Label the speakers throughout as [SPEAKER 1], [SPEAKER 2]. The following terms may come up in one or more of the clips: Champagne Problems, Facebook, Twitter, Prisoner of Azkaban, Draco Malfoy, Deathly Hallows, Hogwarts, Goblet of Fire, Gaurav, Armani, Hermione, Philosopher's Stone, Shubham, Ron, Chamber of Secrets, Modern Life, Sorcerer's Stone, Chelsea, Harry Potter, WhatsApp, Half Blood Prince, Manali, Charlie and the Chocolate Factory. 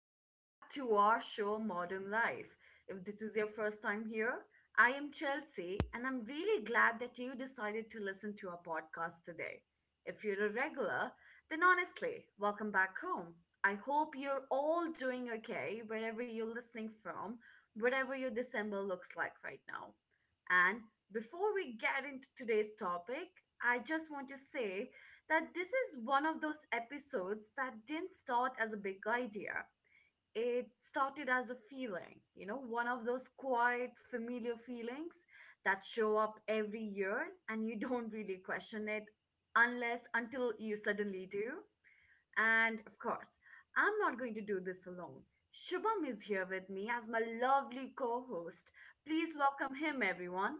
[SPEAKER 1] Welcome back to our show Modern Life. If this is your first time here, I am Chelsea and I'm really glad that you decided to listen to our podcast today. If you're a regular, then honestly, welcome back home. I hope you're all doing okay wherever you're listening from, whatever your December looks like right now. And before we get into today's topic, I just want to say that this is one of those episodes that didn't start as a big idea. It started as a feeling, one of those quiet, familiar feelings that show up every year and you don't really question it unless until you suddenly do. And of course, I'm not going to do this alone. Shubham is here with me as my lovely co host. Please welcome him, everyone.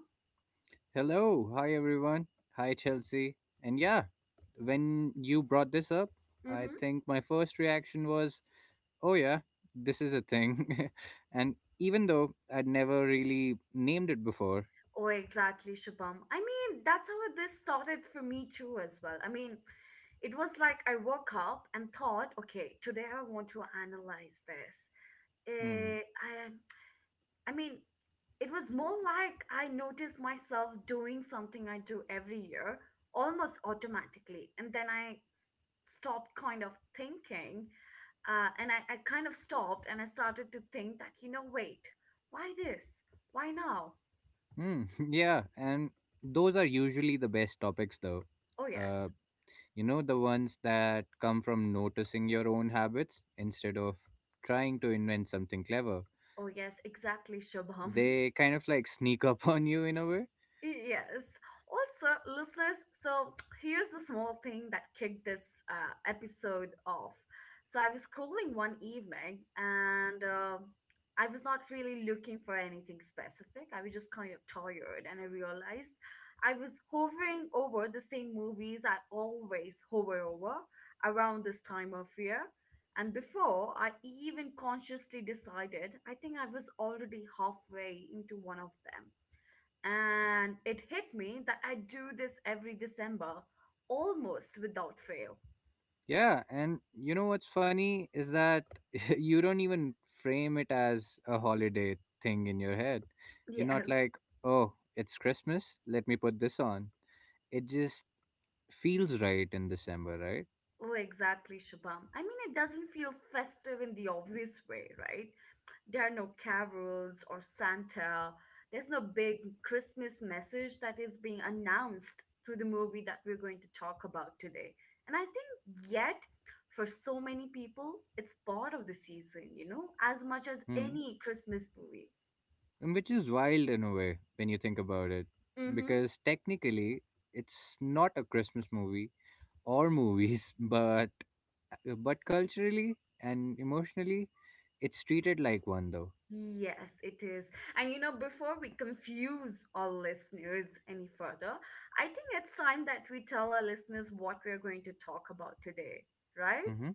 [SPEAKER 2] Hello. Hi, everyone. Hi, Chelsea. And yeah, when you brought this up, I
[SPEAKER 1] Hmm.
[SPEAKER 2] think my first reaction was, oh, yeah, this is a thing. And even though I'd never really named it before,
[SPEAKER 1] Oh, exactly, Shubham. I mean, that's how this started for me too, as well. I mean, it was like I woke up and thought, okay, today I want to analyze this.
[SPEAKER 2] hmm,
[SPEAKER 1] Eh, I, I mean, it was more like I noticed myself doing something I do every year almost automatically. And then stopped kind of thinking and I kind of stopped and I started to think that, you know, wait, why this? Why now?
[SPEAKER 2] hmm, yeah, and those are usually the best topics, though.
[SPEAKER 1] Oh,
[SPEAKER 2] Uh,
[SPEAKER 1] yes.
[SPEAKER 2] you know, the ones that come from noticing your own habits instead of trying to invent something clever.
[SPEAKER 1] Oh, yes, exactly, Shubham.
[SPEAKER 2] They kind of like sneak up on you in a way.
[SPEAKER 1] Yes. Also, listeners, so here's the small thing that kicked this episode off. So I was scrolling one evening and I was not really looking for anything specific. I was just kind of tired and I realized I was hovering over the same movies I always hover over around this time of year. And before I even consciously decided, I think I was already halfway into one of them. And it hit me that I do this every December, almost without fail.
[SPEAKER 2] Yeah, and you know what's funny is that you don't even frame it as a holiday thing in your head. You're not
[SPEAKER 1] Yes.
[SPEAKER 2] like, oh, it's Christmas, let me put this on. It just feels right in December, right?
[SPEAKER 1] Oh, exactly, Shubham. I mean, it doesn't feel festive in the obvious way, right? There are no carols or Santa. There's no big Christmas message that is being announced through the movie that we're going to talk about today. And I think, yet, for so many people, it's part of the season, as much as
[SPEAKER 2] Hmm.
[SPEAKER 1] any Christmas movie.
[SPEAKER 2] And which is wild in a way when you think about it,
[SPEAKER 1] Mm hmm.
[SPEAKER 2] because technically it's not a Christmas movie or movies, but culturally and emotionally, it's treated like one though.
[SPEAKER 1] Yes, it is. And you know, before we confuse our listeners any further, I think it's time that we tell our listeners what we're going to talk about today, right?
[SPEAKER 2] Mm-hmm.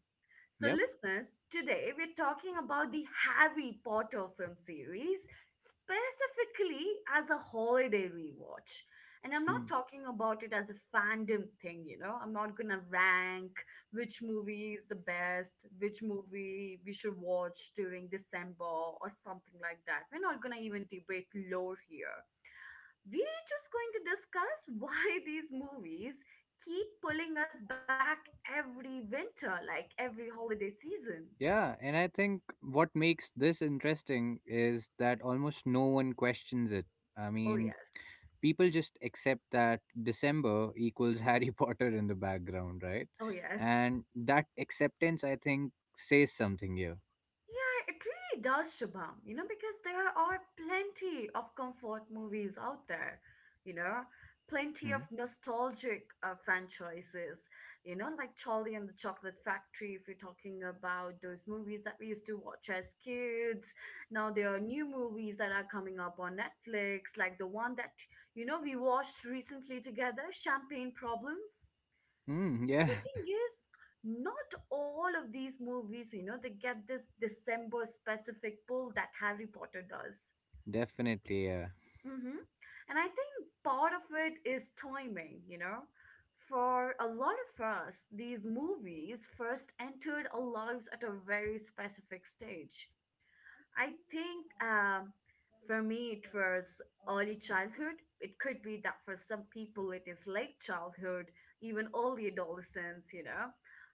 [SPEAKER 1] So,
[SPEAKER 2] Yep.
[SPEAKER 1] listeners, today we're talking about the Harry Potter film series, specifically as a holiday rewatch. And I'm
[SPEAKER 2] Hmm.
[SPEAKER 1] not talking about it as a fandom thing, you know. I'm not gonna rank which movie is the best, which movie we should watch during December or something like that. We're not gonna even debate lore here, we're just going to discuss why these movies keep pulling us back every winter, like every holiday season.
[SPEAKER 2] Yeah, and I think what makes this interesting is that almost no one questions it. I
[SPEAKER 1] Oh,
[SPEAKER 2] mean,
[SPEAKER 1] yes.
[SPEAKER 2] people just accept that December equals Harry Potter in the background, right?
[SPEAKER 1] Oh, yes.
[SPEAKER 2] And that acceptance, I think, says something here.
[SPEAKER 1] Yeah, it really does, Shubham, you know, because there are plenty of comfort movies out there, you know, plenty
[SPEAKER 2] Hmm.
[SPEAKER 1] of nostalgic franchises, you know, like Charlie and the Chocolate Factory, if you're talking about those movies that we used to watch as kids. Now there are new movies that are coming up on Netflix, like the one that, you know, we watched recently together, Champagne Problems.
[SPEAKER 2] Hmm,
[SPEAKER 1] But
[SPEAKER 2] yeah,
[SPEAKER 1] the thing is, not all of these movies, you know, they get this December specific pull that Harry Potter does.
[SPEAKER 2] definitely. Yeah.
[SPEAKER 1] Mm-hmm. And I think part of it is timing, you know. For a lot of us, these movies first entered our lives at a very specific stage. I think for me, it was early childhood. It could be that for some people, it is late childhood, even early adolescence, you know.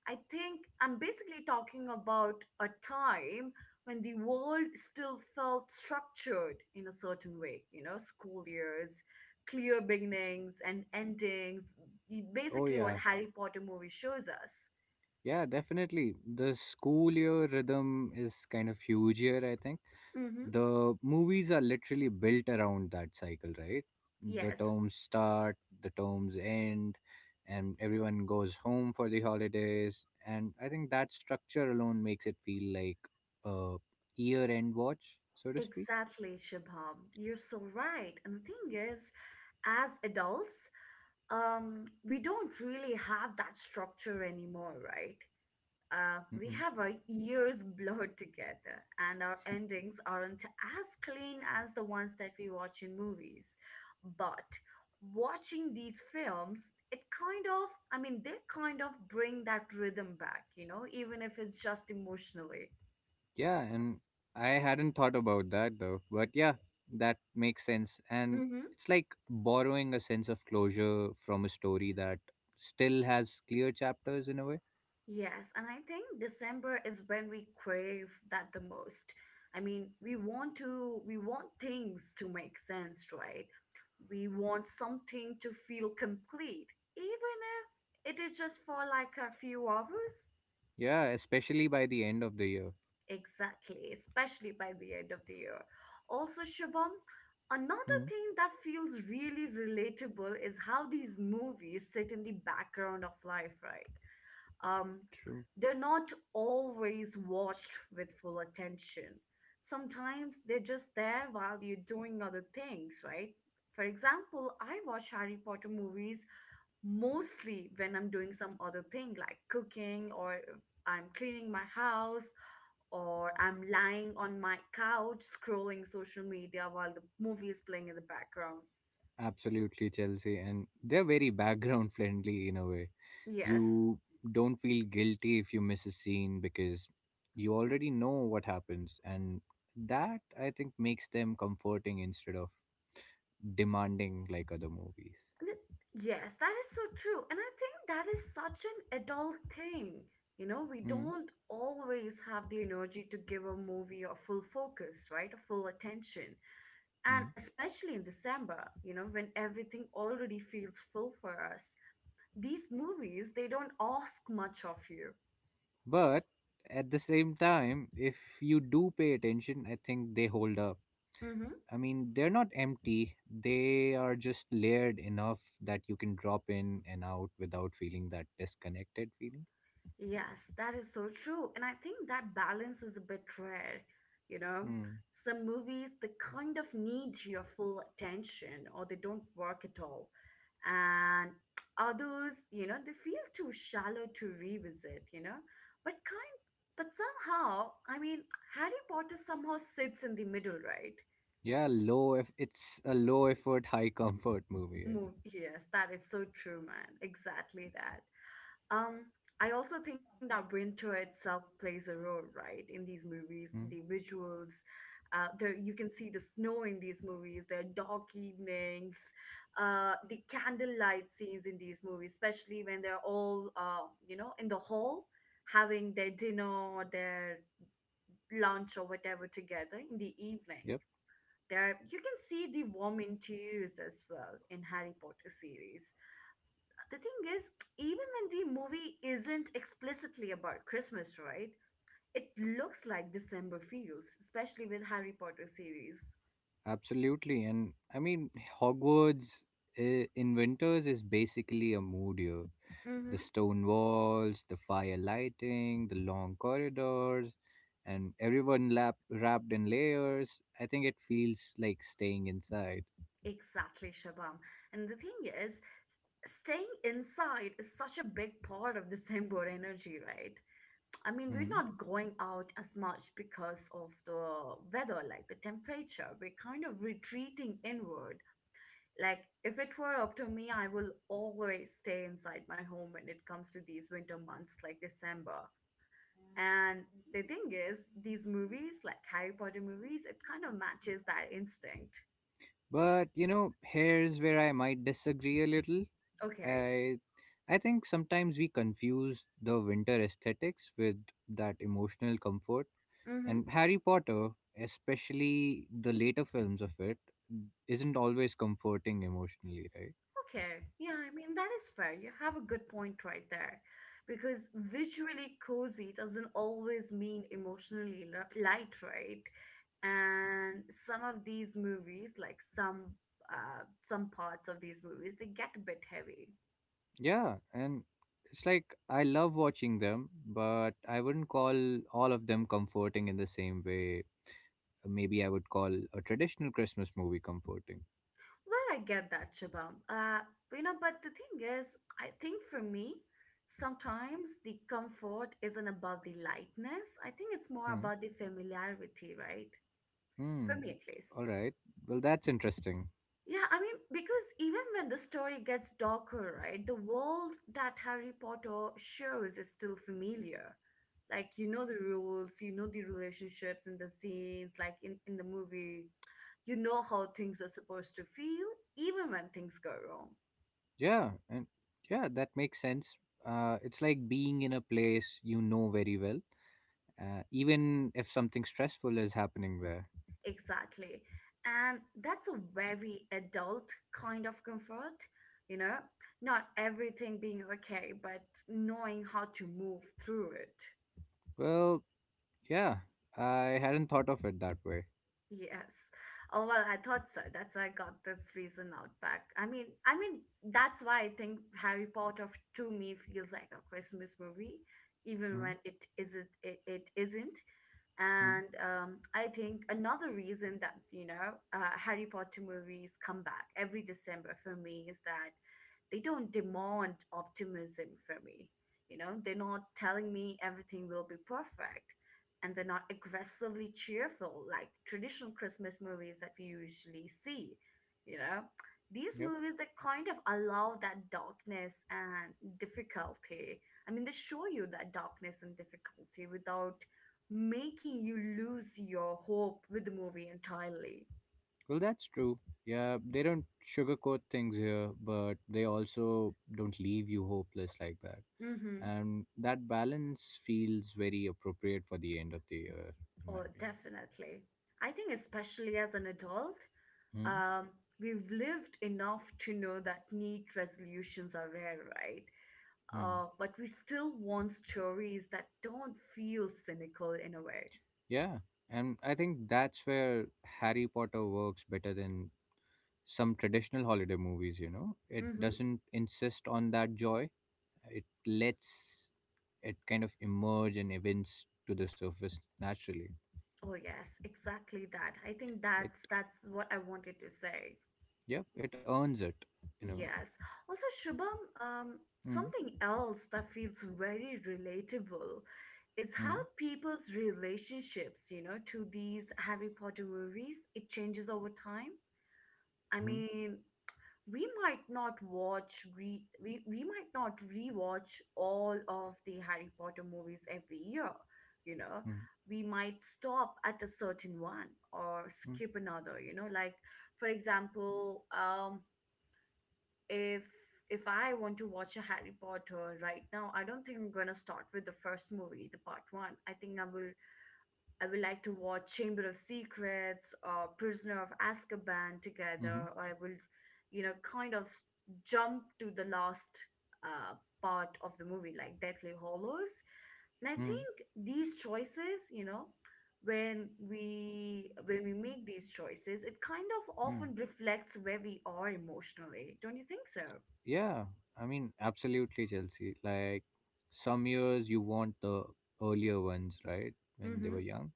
[SPEAKER 1] I think I'm basically talking about a time when the world still felt structured in a certain way, you know, school years, clear beginnings and endings,
[SPEAKER 2] Oh,
[SPEAKER 1] basically what
[SPEAKER 2] yeah.
[SPEAKER 1] Harry Potter movie shows us.
[SPEAKER 2] Yeah, definitely. The school year rhythm is kind of huge here, I think.
[SPEAKER 1] Mm-hmm.
[SPEAKER 2] The movies are literally built around that cycle, right? The
[SPEAKER 1] Yes,
[SPEAKER 2] terms start, the terms end, and everyone goes home for the holidays. And I think that structure alone makes it feel like a year end watch, so to speak.
[SPEAKER 1] exactly, Shibham. You're so right. And the thing is, as adults, we don't really have that structure anymore, right? We have our years blurred together, and our endings aren't as clean as the ones that we watch in movies. But watching these films, it kind of, I mean, they kind of bring that rhythm back, you know, even if it's just emotionally.
[SPEAKER 2] Yeah, and I hadn't thought about that though. But yeah, that makes sense. And it's like borrowing a sense of closure from a story that still has clear chapters in a way.
[SPEAKER 1] Yes, and I think December is when we crave that the most. I mean, we want things to make sense, right? We want something to feel complete, even if it is just for like a few hours.
[SPEAKER 2] Yeah, especially by the end of the year.
[SPEAKER 1] Exactly, especially by the end of the year. Also, Shubham, another
[SPEAKER 2] Hmm.
[SPEAKER 1] thing that feels really relatable is how these movies sit in the background of life, right? um,
[SPEAKER 2] True.
[SPEAKER 1] they're not always watched with full attention. Sometimes they're just there while you're doing other things, right? For example, I watch Harry Potter movies mostly when I'm doing some other thing like cooking or I'm cleaning my house or I'm lying on my couch scrolling social media while the movie is playing in the background.
[SPEAKER 2] Absolutely, Chelsea. And they're very background friendly in a way.
[SPEAKER 1] Yes.
[SPEAKER 2] You don't feel guilty if you miss a scene because you already know what happens. And that, I think, makes them comforting instead of demanding like other movies.
[SPEAKER 1] Th- Yes, that is so true. And I think that is such an adult thing. You know, we
[SPEAKER 2] Mm,
[SPEAKER 1] don't always have the energy to give a movie a full focus, right? A full attention. And
[SPEAKER 2] mm.
[SPEAKER 1] especially in December, you know, when everything already feels full for us, these movies, they don't ask much of you.
[SPEAKER 2] But at the same time, if you do pay attention, I think they hold up.
[SPEAKER 1] Mm-hmm.
[SPEAKER 2] I mean, they're not empty, they are just layered enough that you can drop in and out without feeling that disconnected feeling.
[SPEAKER 1] Yes, that is so true. And I think that balance is a bit rare, you know.
[SPEAKER 2] Mm.
[SPEAKER 1] Some movies, they kind of need your full attention or they don't work at all. And others, you know, they feel too shallow to revisit, you know. But kind but somehow, I mean, Harry Potter somehow sits in the middle, right?
[SPEAKER 2] Yeah, low if it's a low effort, high comfort movie.
[SPEAKER 1] Move. Yes, that is so true, man. Exactly that. Um, I also think that winter itself plays a role, right? In these movies, the
[SPEAKER 2] Mm.
[SPEAKER 1] visuals, there you can see the snow in these movies. There are dark evenings, the candlelight scenes in these movies, especially when they're all, you know, in the hall having their dinner or their lunch or whatever together in the evening.
[SPEAKER 2] Yep,
[SPEAKER 1] There, you can see the warm interiors as well in Harry Potter series. The thing is, even when the movie isn't explicitly about Christmas, right? It looks like December feels, especially with Harry Potter series.
[SPEAKER 2] absolutely. And I mean, Hogwarts in is basically a mood year. The
[SPEAKER 1] Mm-hmm.
[SPEAKER 2] stone walls, the fire lighting, the long corridors, and everyone wrapped in layers. I think it feels like staying inside.
[SPEAKER 1] Exactly, Shabam. And the thing is, staying inside is such a big part of December energy, right? I mean, we're
[SPEAKER 2] Hmm.
[SPEAKER 1] not going out as much because of the weather, like the temperature. We're kind of retreating inward. Like, if it were up to me, I will always stay inside my home when it comes to these winter months like December. And the thing is, these movies, like Harry Potter movies, it kind of matches that instinct.
[SPEAKER 2] But you know, here's where I might disagree a little.
[SPEAKER 1] Okay.
[SPEAKER 2] I I think sometimes we confuse the winter aesthetics with that emotional comfort. And Harry Potter, especially the later films of it, isn't always comforting emotionally, right?
[SPEAKER 1] Okay, yeah, I mean, that is fair. You have a good point right there. Because visually cozy doesn't always mean emotionally light, right? And some of these movies, like some parts of these movies, they get a bit heavy.
[SPEAKER 2] Yeah, and it's like I love watching them, but I wouldn't call all of them comforting in the same way. Maybe I would call a traditional Christmas movie comforting.
[SPEAKER 1] Well, I get that, Shabam. You know, but the thing is, I think for me, sometimes the comfort isn't about the lightness. I think it's more
[SPEAKER 2] Hmm.
[SPEAKER 1] about the familiarity, right? For
[SPEAKER 2] Hmm.
[SPEAKER 1] me, at least.
[SPEAKER 2] All right. Well, that's interesting.
[SPEAKER 1] Yeah, I mean, because even when the story gets darker, right, the world that Harry Potter shows is still familiar. Like, you know the rules, you know the relationships and the scenes, like in the movie, you know how things are supposed to feel, even when things go wrong.
[SPEAKER 2] Yeah, and yeah, that makes sense. It's like being in a place you know very well, even if something stressful is happening there.
[SPEAKER 1] Exactly. And that's a very adult kind of comfort, you know, not everything being okay, but knowing how to move through it.
[SPEAKER 2] Well, yeah, I hadn't thought of it that way.
[SPEAKER 1] Yes. Oh well, I thought so. That's why I got this reason out back. I mean, that's why I think to me feels like a Christmas movie, even
[SPEAKER 2] Mm-hmm.
[SPEAKER 1] when it isn't. It isn't. And I think another reason that you know Harry Potter movies come back every December for me is that they don't demand optimism for me, you know, they're not telling me everything will be perfect, and they're not aggressively cheerful like traditional Christmas movies that we usually see, you know, these
[SPEAKER 2] Yep.
[SPEAKER 1] movies that kind of allow that darkness and difficulty. I mean they show you that darkness and difficulty without making you lose your hope with the movie entirely.
[SPEAKER 2] Well, that's true. Yeah, they don't sugarcoat things here, but they also don't leave you hopeless like that.
[SPEAKER 1] Mm-hmm.
[SPEAKER 2] And that balance feels very appropriate for the end of the year, in my
[SPEAKER 1] Oh,
[SPEAKER 2] opinion.
[SPEAKER 1] definitely. I think, especially as an adult, um, we've lived enough to know that neat resolutions are rare, right?
[SPEAKER 2] Hmm? Hmm.
[SPEAKER 1] But we still want stories that don't feel cynical in a way.
[SPEAKER 2] Yeah, and I think that's where Harry Potter works better than some traditional holiday movies, you know? It
[SPEAKER 1] Mm-hmm.
[SPEAKER 2] doesn't insist on that joy, it lets it kind of emerge and events to the surface naturally.
[SPEAKER 1] Oh yes, exactly that. I think
[SPEAKER 2] It,
[SPEAKER 1] that's what I wanted to say.
[SPEAKER 2] yeah, it earns it in a way.
[SPEAKER 1] Yes. Also, Shubham,
[SPEAKER 2] Mm,
[SPEAKER 1] something else that feels very relatable is how
[SPEAKER 2] mm,
[SPEAKER 1] people's relationships, you know, to these Harry Potter movies, it changes over time. I
[SPEAKER 2] mm,
[SPEAKER 1] mean, we might not rewatch all of the Harry Potter movies every year, you know.
[SPEAKER 2] mm,
[SPEAKER 1] We might stop at a certain one or
[SPEAKER 2] mm,
[SPEAKER 1] skip another, you know, like for example, if if I want to watch a Harry Potter right now, I don't think I'm gonna start with the first movie, the part one. I think I will I would like to watch Chamber of Secrets or Prisoner of Azkaban together,
[SPEAKER 2] mm,
[SPEAKER 1] or I will, you know, kind of jump to the last uh, part of the movie, like Deathly Hollows. And I
[SPEAKER 2] mm,
[SPEAKER 1] think these choices, you know, when we make these choices, it kind of
[SPEAKER 2] mm.
[SPEAKER 1] often reflects where we are emotionally. Don't you think so?
[SPEAKER 2] Yeah, I mean, absolutely, Chelsea. Like, some years you want the earlier ones, right? When they were
[SPEAKER 1] Mm-hmm.
[SPEAKER 2] young,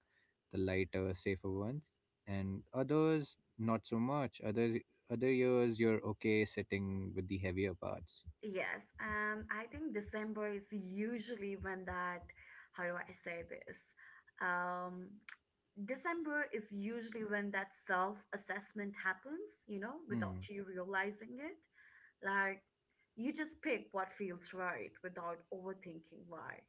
[SPEAKER 2] the lighter, safer ones, and others not so much. Other years you're okay sitting with the heavier parts.
[SPEAKER 1] Yes, and I think December is usually when that, how do I say this? Um, December is usually when that self-assessment happens, you know, without
[SPEAKER 2] Hmm.
[SPEAKER 1] you realizing it. Like you just pick what feels right without overthinking why.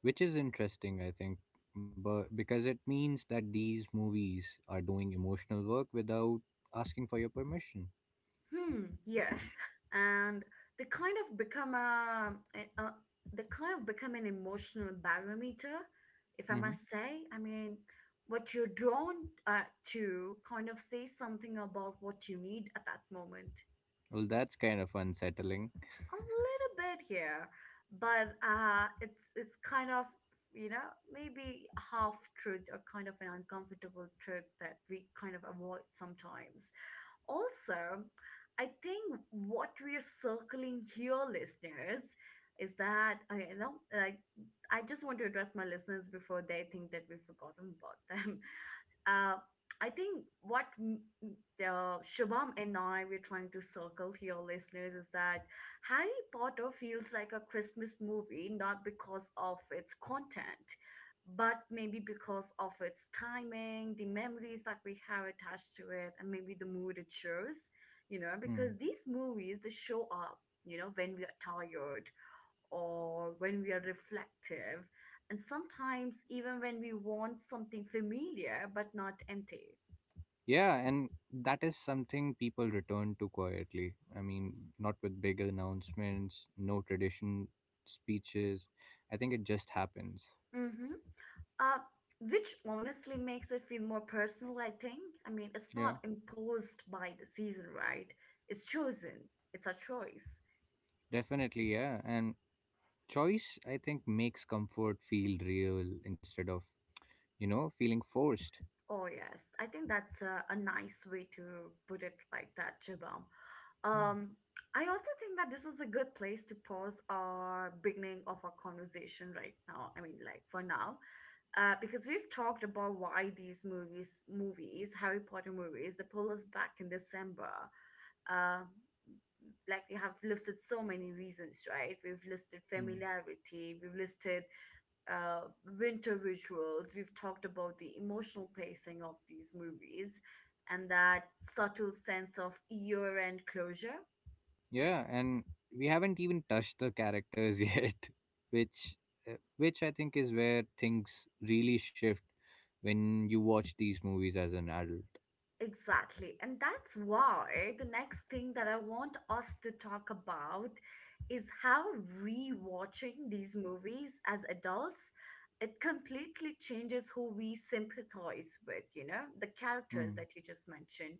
[SPEAKER 2] Which is interesting, I think, but because it means that these movies are doing emotional work without asking for your permission.
[SPEAKER 1] Hmm, yes. And they kind of become a, a, a- they kind of become an emotional barometer, if I
[SPEAKER 2] Mm-hmm.
[SPEAKER 1] must say. I mean, what you're drawn uh, to kind of says something about what you need at that moment.
[SPEAKER 2] Well, that's kind of unsettling.
[SPEAKER 1] A little bit here, but it's kind of you know maybe half truth or kind of an uncomfortable truth that we kind of avoid sometimes. Also, I think what we're circling here, listeners, is that okay, you know, like I just want to address my listeners before they think that we've forgotten about them. Uh, I think what Shubham and I we're trying to circle here, listeners, is that Harry Potter feels like a Christmas movie, not because of its content, but maybe because of its timing, the memories that we have attached to it, and maybe the mood it shows, you know,
[SPEAKER 2] Hmm.
[SPEAKER 1] because these movies they show up, you know, when we are tired or when we are reflective, and sometimes even when we want something familiar but not empty.
[SPEAKER 2] Yeah, and that is something people return to quietly. I mean, not with big announcements, no tradition speeches. I think it just happens.
[SPEAKER 1] Mm-hmm. Uh, which honestly makes it feel more personal, I think. I mean, it's
[SPEAKER 2] Yeah,
[SPEAKER 1] not imposed by the season, right? It's chosen, it's a choice.
[SPEAKER 2] definitely. Yeah, and choice, I think, makes comfort feel real instead of, you know, feeling forced.
[SPEAKER 1] Oh, yes. I think that's a, nice way to put it like that, Shubham. Um,
[SPEAKER 2] Hmm.
[SPEAKER 1] I also think that this is a good place to pause our beginning of our conversation right now. I mean, like for now, because we've talked about why Harry Potter movies, they pull us back in December. Uh, like we have listed so many reasons, right? We've listed
[SPEAKER 2] Hmm.
[SPEAKER 1] familiarity, we've listed uh, winter rituals. We've talked about the emotional pacing of these movies and that subtle sense of year end closure.
[SPEAKER 2] Yeah, and we haven't even touched the characters yet, which which I think is where things really shift when you watch these movies as an adult.
[SPEAKER 1] Exactly. And that's why the next thing that I want us to talk about is how rewatching these movies as adults it completely changes who we sympathize with, you know, the characters
[SPEAKER 2] Hmm.
[SPEAKER 1] that you just mentioned,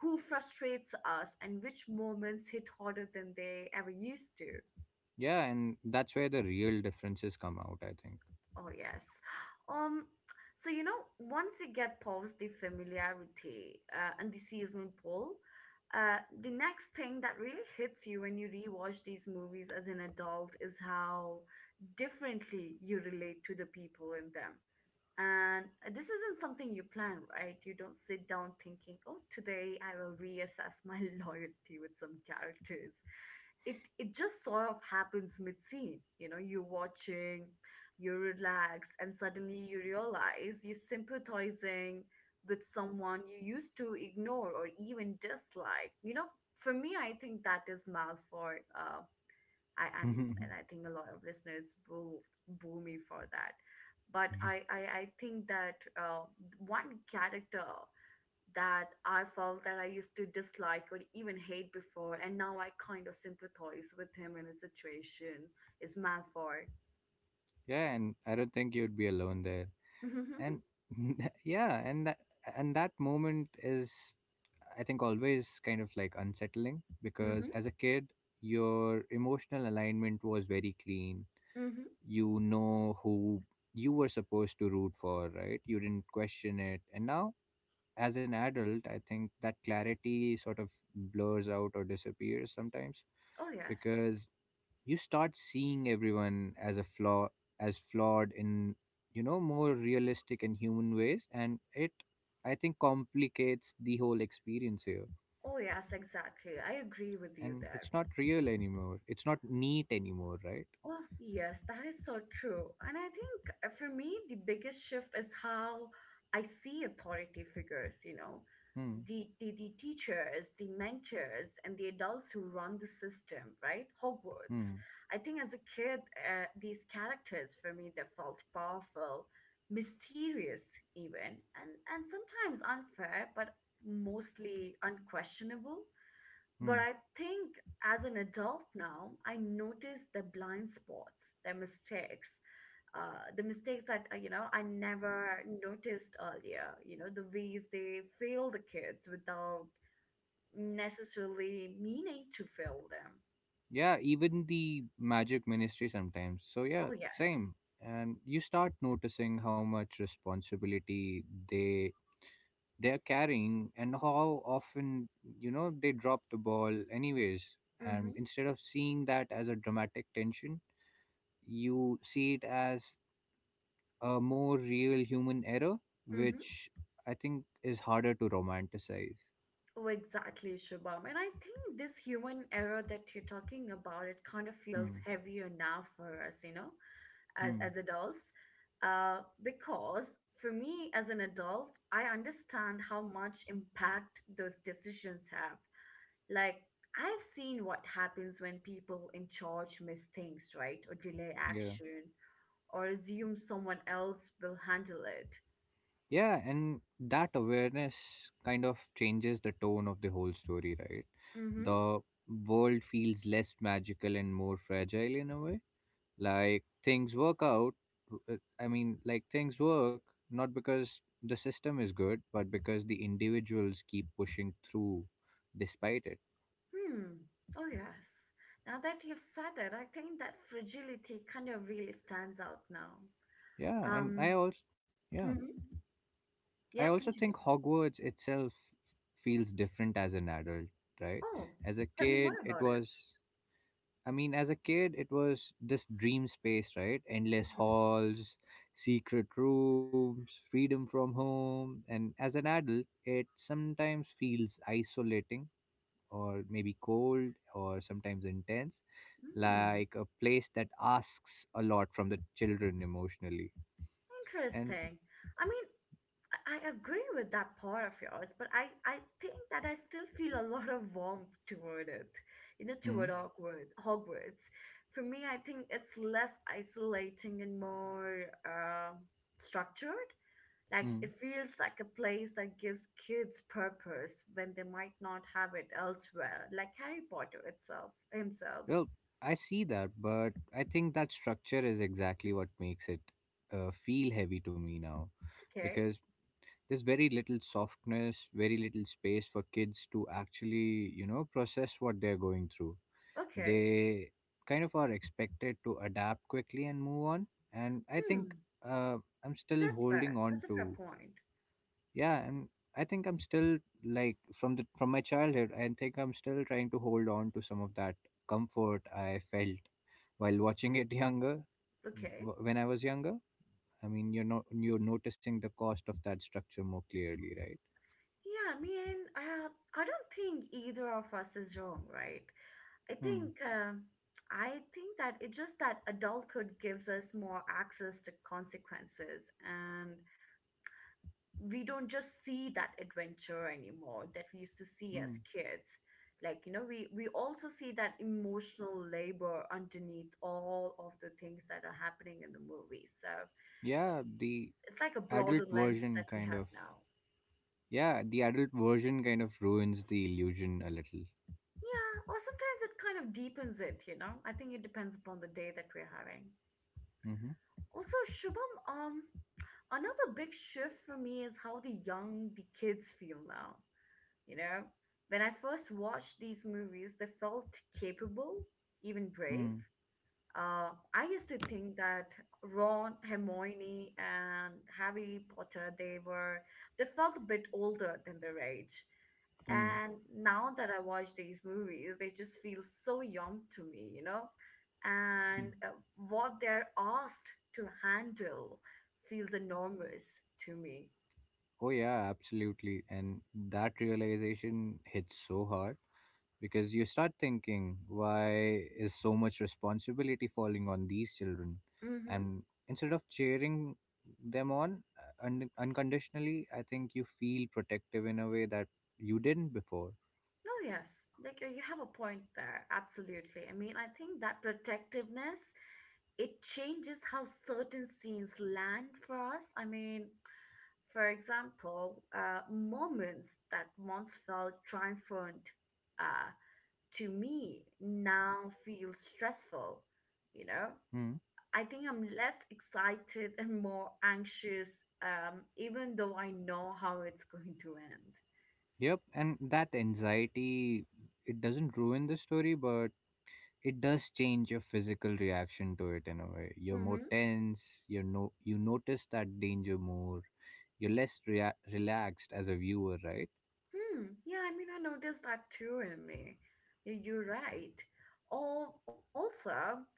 [SPEAKER 1] who frustrates us and which moments hit harder than they ever used to.
[SPEAKER 2] Yeah, and that's where the real differences come out, I think.
[SPEAKER 1] Oh, yes. Um, so you know, once you get past the familiarity and the seasonal pull, the next thing that really hits you when you rewatch these movies as an adult is how differently you relate to the people in them. And this isn't something you plan, right? You don't sit down thinking, oh, today I will reassess my loyalty with some characters. It just sort of happens mid scene. You know, you're watching, you relax, and suddenly you realize you're sympathizing with someone you used to ignore or even dislike. You know, for me, I think that is Malfoy. I am, and I think a lot of listeners will boo me for that. But I think that one character that I felt that I used to dislike or even hate before, and now I kind of sympathize with him in his situation, is Malfoy.
[SPEAKER 2] Yeah, and I don't think you'd be alone there.
[SPEAKER 1] hmm
[SPEAKER 2] And yeah, and that moment is I think always kind of like unsettling because
[SPEAKER 1] hmm
[SPEAKER 2] as a kid your emotional alignment was very clean,
[SPEAKER 1] hmm
[SPEAKER 2] you know who you were supposed to root for, right? You didn't question it. And now, as an adult, I think that clarity sort of blurs out or disappears sometimes
[SPEAKER 1] Oh, yes.
[SPEAKER 2] because you start seeing everyone as flawed in, you know, more realistic and human ways. And I think, complicates the whole experience here.
[SPEAKER 1] Oh, yes, exactly. I agree with you
[SPEAKER 2] And
[SPEAKER 1] there.
[SPEAKER 2] it's not real anymore. It's not neat anymore, right?
[SPEAKER 1] Oh, yes, that is so true. And I think for me, the biggest shift is how I see authority figures, you know,
[SPEAKER 2] Hmm.
[SPEAKER 1] the teachers, the mentors, and the adults who run the system, right? Hogwarts.
[SPEAKER 2] Hmm.
[SPEAKER 1] I think as a kid, these characters for me, they felt powerful, mysterious even, and sometimes unfair, but mostly unquestionable.
[SPEAKER 2] Hmm.
[SPEAKER 1] But I think as an adult now, I notice the blind spots, the mistakes that you know I never noticed earlier. You know the ways they fail the kids without necessarily meaning to fail them.
[SPEAKER 2] Yeah, even the magic ministry sometimes, so yeah,
[SPEAKER 1] Oh yes.
[SPEAKER 2] same. And you start noticing how much responsibility they they're carrying, and how often, you know, they drop the ball anyways. And
[SPEAKER 1] Mm-hmm.
[SPEAKER 2] instead of seeing that as a dramatic tension, you see it as a more real human error,
[SPEAKER 1] Mm-hmm.
[SPEAKER 2] which I think is harder to romanticize.
[SPEAKER 1] Oh, exactly, Shubham. And I think this human error that you're talking about, it kind of feels
[SPEAKER 2] Hmm.
[SPEAKER 1] heavier now for us, you know? as
[SPEAKER 2] Hmm.
[SPEAKER 1] as adults because for me as an adult I understand how much impact those decisions have. Like I've seen what happens when people in charge miss things right or delay
[SPEAKER 2] Yeah.
[SPEAKER 1] action or assume someone else will handle it.
[SPEAKER 2] Yeah, and that awareness kind of changes the tone of the whole story, right?
[SPEAKER 1] Mm-hmm.
[SPEAKER 2] The world feels less magical and more fragile in a way. Like things work out, I mean, like things work not because the system is good, but because the individuals keep pushing through despite it.
[SPEAKER 1] Hmm, oh yes, now that you've said it I think that fragility kind of really stands out now.
[SPEAKER 2] Yeah, and
[SPEAKER 1] um
[SPEAKER 2] yeah,
[SPEAKER 1] mhm.
[SPEAKER 2] I
[SPEAKER 1] Yeah,
[SPEAKER 2] also think
[SPEAKER 1] continue.
[SPEAKER 2] Hogwarts itself feels different as an adult, right?
[SPEAKER 1] Oh,
[SPEAKER 2] As a
[SPEAKER 1] tell me
[SPEAKER 2] kid,
[SPEAKER 1] more
[SPEAKER 2] it
[SPEAKER 1] about it.
[SPEAKER 2] was I mean, as a kid, it was this dream space, right? Endless halls, secret rooms, freedom from home. And as an adult, it sometimes feels isolating or maybe cold or sometimes intense,
[SPEAKER 1] Hmm,
[SPEAKER 2] like a place that asks a lot from the children emotionally. And,
[SPEAKER 1] interesting. I mean, I agree with that part of yours, but I think that I still feel a lot of warmth toward it, you know,
[SPEAKER 2] mm,
[SPEAKER 1] toward Hogwarts. Hogwarts. For me, I think it's less isolating and more structured. Like
[SPEAKER 2] mm,
[SPEAKER 1] it feels like a place that gives kids purpose when they might not have it elsewhere, like Harry Potter itself himself.
[SPEAKER 2] well, I see that, but I think that structure is exactly what makes it feel heavy to me now
[SPEAKER 1] Okay,
[SPEAKER 2] because there's very little softness, very little space for kids to actually, you know, process what they're going through.
[SPEAKER 1] okay.
[SPEAKER 2] They kind of are expected to adapt quickly and move on. And I
[SPEAKER 1] Hmm,
[SPEAKER 2] think uh, I'm still
[SPEAKER 1] that's
[SPEAKER 2] holding
[SPEAKER 1] fair.
[SPEAKER 2] on
[SPEAKER 1] That's a fair
[SPEAKER 2] to,
[SPEAKER 1] point.
[SPEAKER 2] yeah, and I think I'm still, like, from the from my childhood. I think I'm still trying to hold on to some of that comfort I felt while watching it younger.
[SPEAKER 1] Okay.
[SPEAKER 2] When I was younger, I mean, you're not, you're noticing the cost of that structure more clearly, right?
[SPEAKER 1] Yeah, I mean, I don't think either of us is wrong, right? I
[SPEAKER 2] Hmm.
[SPEAKER 1] think uh, I think that it's just that adulthood gives us more access to consequences, and we don't just see that adventure anymore that we used to see as
[SPEAKER 2] Hmm.
[SPEAKER 1] kids. Like you know, we also see that emotional labor underneath all of the things that are happening in the movie. So
[SPEAKER 2] Yeah, the
[SPEAKER 1] it's like a broader
[SPEAKER 2] adult
[SPEAKER 1] lens
[SPEAKER 2] version
[SPEAKER 1] that we
[SPEAKER 2] kind
[SPEAKER 1] have
[SPEAKER 2] of.
[SPEAKER 1] now.
[SPEAKER 2] Yeah, the adult version kind of ruins the illusion a little.
[SPEAKER 1] Yeah, or sometimes it kind of deepens it, you know. I think it depends upon the day that we're having.
[SPEAKER 2] Mm-hmm.
[SPEAKER 1] Also, Shubham, another big shift for me is how the young the kids feel now. You know, when I first watched these movies, they felt capable, even brave.
[SPEAKER 2] Mm.
[SPEAKER 1] Uh, I used to think that Ron, Hermione, and Harry Potter they were they felt a bit older than their age,
[SPEAKER 2] Mm.
[SPEAKER 1] and now that I watch these movies, they just feel so young to me, you know, and what they're asked to handle feels enormous to me.
[SPEAKER 2] Oh, yeah, absolutely. And that realization hits so hard because you start thinking, why is so much responsibility falling on these children?
[SPEAKER 1] Hmm.
[SPEAKER 2] And instead of cheering them on unconditionally, I think you feel protective in a way that you didn't before.
[SPEAKER 1] No, yes. Like you have a point there. Absolutely. I mean, I think that protectiveness it changes how certain scenes land for us. I mean, for example, moments that once felt triumphant uh, to me now feel stressful. You know,
[SPEAKER 2] Hmm.
[SPEAKER 1] I think I'm less excited and more anxious, even though I know how it's going to
[SPEAKER 2] Yep, and that anxiety, it doesn't ruin the story, but it does change your physical reaction to it in a way. You're more
[SPEAKER 1] end.
[SPEAKER 2] tense, you know you notice that danger more. You're less relaxed as a viewer, right?
[SPEAKER 1] Hmm. Yeah, I mean, I noticed that too in me. Y- You're right. Or also,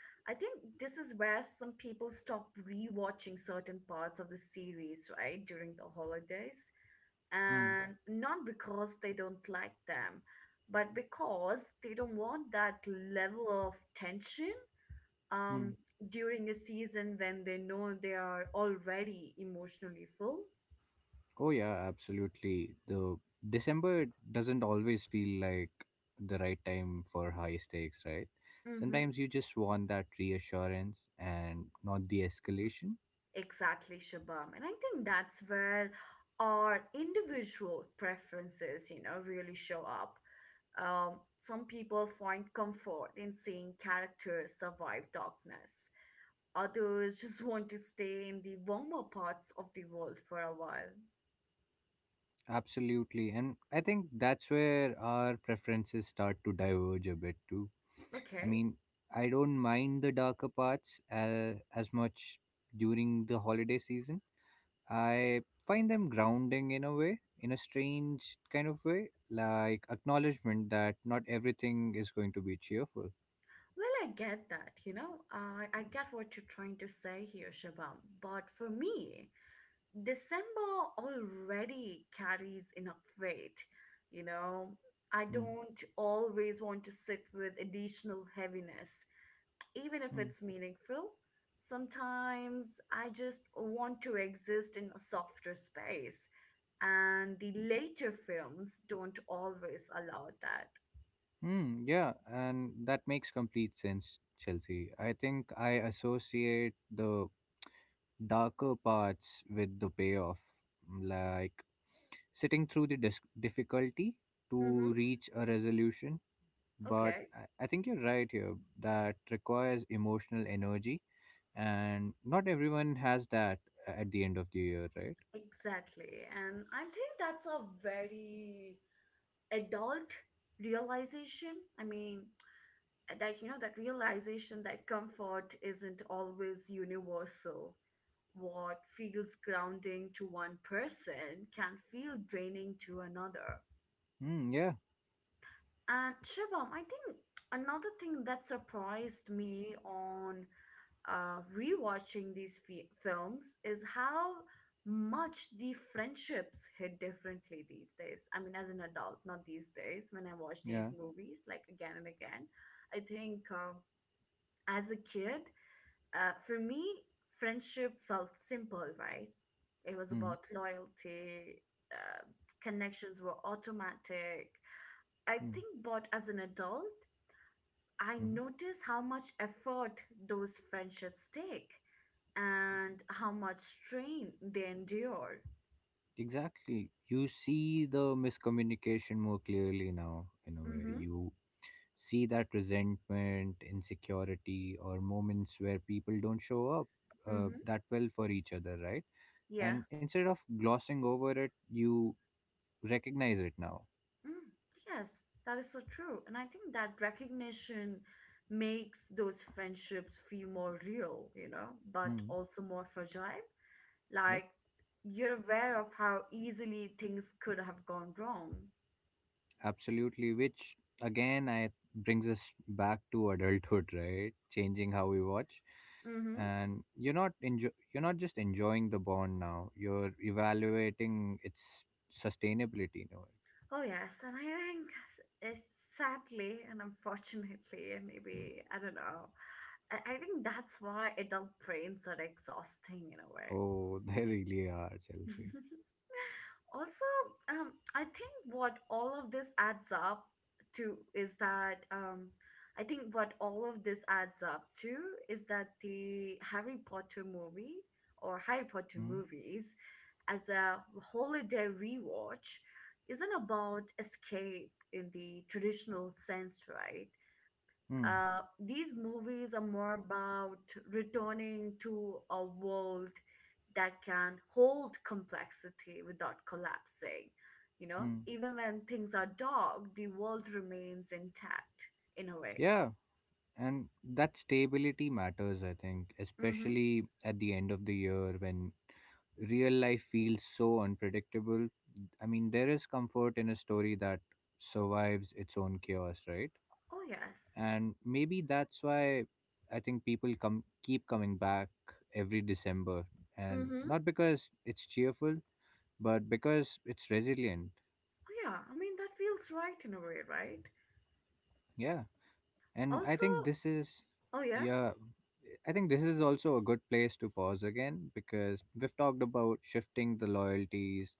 [SPEAKER 1] I think this is where some people stop rewatching certain parts of the series, right, during the holidays.
[SPEAKER 2] Hmm.
[SPEAKER 1] And not because they don't like them, but because they don't want that level of tension um,
[SPEAKER 2] Hmm.
[SPEAKER 1] during a season when they know they are already emotionally full.
[SPEAKER 2] Oh yeah, absolutely. The December doesn't always feel like the right time for high stakes, right?
[SPEAKER 1] Mm-hmm.
[SPEAKER 2] Sometimes you just want that reassurance and not the escalation.
[SPEAKER 1] Exactly, Shabam. And I think that's where our individual preferences, you know, really show up. Some people find comfort in seeing characters survive darkness. Others just want to stay in the warmer parts of the world for a while.
[SPEAKER 2] Absolutely. And I think that's where our preferences start to diverge a bit too. I
[SPEAKER 1] Okay.
[SPEAKER 2] mean, I don't mind the darker parts as much during the holiday season. I find them grounding in a way, in a strange kind of way, like acknowledgement that not everything is going to be cheerful.
[SPEAKER 1] Well, I get that, you know. I get what you're trying to say here, Shabam. But for me, December already carries enough weight, you know. I
[SPEAKER 2] Hmm.
[SPEAKER 1] don't always want to sit with additional heaviness, even if it's
[SPEAKER 2] Hmm.
[SPEAKER 1] meaningful. Sometimes I just want to exist in a softer space, and the later films don't always allow that.
[SPEAKER 2] Hmm. Yeah, and that makes complete sense, Chelsea. I think I associate the darker parts with the payoff, like sitting through the difficulty
[SPEAKER 1] Mm-hmm.
[SPEAKER 2] to reach a resolution. But
[SPEAKER 1] Okay,
[SPEAKER 2] I think you're right here. That requires emotional energy, and not everyone has that at the end of the year, right?
[SPEAKER 1] exactly. And I think that's a very adult realization. I mean, that you know that realization that comfort isn't always universal, what feels grounding to one person can feel draining to another.
[SPEAKER 2] Mm, yeah,
[SPEAKER 1] And Shibam, I think another thing that surprised me on rewatching these films is how much the friendships hit differently these days. I mean as an adult, not these days, when I watch
[SPEAKER 2] yeah.
[SPEAKER 1] these movies like again and again. I think as a kid for me, friendship felt simple, right? It was
[SPEAKER 2] Mm,
[SPEAKER 1] about loyalty, uh, connections were automatic. I
[SPEAKER 2] mm,
[SPEAKER 1] think, but as an adult, I
[SPEAKER 2] mm.
[SPEAKER 1] notice how much effort those friendships take and how much strain they endure.
[SPEAKER 2] Exactly. You see the miscommunication more clearly now, in a way.
[SPEAKER 1] Mm-hmm.
[SPEAKER 2] You see that resentment, insecurity, or moments where people don't show up
[SPEAKER 1] Mm-hmm.
[SPEAKER 2] that well for each other, right?
[SPEAKER 1] Yeah.
[SPEAKER 2] And instead of glossing over it, you recognize it now.
[SPEAKER 1] Mm, yes, that is so true. And I think that recognition makes those friendships feel more real, you know, but
[SPEAKER 2] Hmm.
[SPEAKER 1] also more fragile.
[SPEAKER 2] Yep,
[SPEAKER 1] Like you're aware of how easily things could have gone wrong.
[SPEAKER 2] absolutely. Which again, I brings us back to adulthood, right? Changing how we watch,
[SPEAKER 1] Mm-hmm.
[SPEAKER 2] and you're not just enjoying the bond now. You're evaluating its sustainability in a way.
[SPEAKER 1] Oh yes, and I think it's sadly and unfortunately, and
[SPEAKER 2] Hmm.
[SPEAKER 1] maybe I don't know. I think that's why adult brains are exhausting in a way.
[SPEAKER 2] Oh, they really are, Chelsea.
[SPEAKER 1] also, I think what all of this adds up to is that I think what all of this adds up to is that the Harry Potter movie or Harry Potter
[SPEAKER 2] Hmm.
[SPEAKER 1] movies as a holiday rewatch isn't about escape in the traditional sense, right?
[SPEAKER 2] Hmm.
[SPEAKER 1] These movies are more about returning to a world that can hold complexity without collapsing. You know,
[SPEAKER 2] Hmm.
[SPEAKER 1] even when things are dark, the world remains intact in a way.
[SPEAKER 2] Yeah, and that stability matters, I think,
[SPEAKER 1] Mm-hmm.
[SPEAKER 2] especially at the end of the year when real life feels so unpredictable. I mean, there is comfort in a story that survives its own chaos, right?
[SPEAKER 1] Oh, yes.
[SPEAKER 2] And maybe that's why I think people come keep coming back every December, and
[SPEAKER 1] Mm-hmm.
[SPEAKER 2] not because it's cheerful, but because it's resilient.
[SPEAKER 1] Oh, yeah. I mean, that feels right in a way, right?
[SPEAKER 2] Yeah. and I
[SPEAKER 1] Also,
[SPEAKER 2] think this is
[SPEAKER 1] oh, yeah.
[SPEAKER 2] Yeah, I think this is also a good place to pause again because we've talked about shifting the loyalties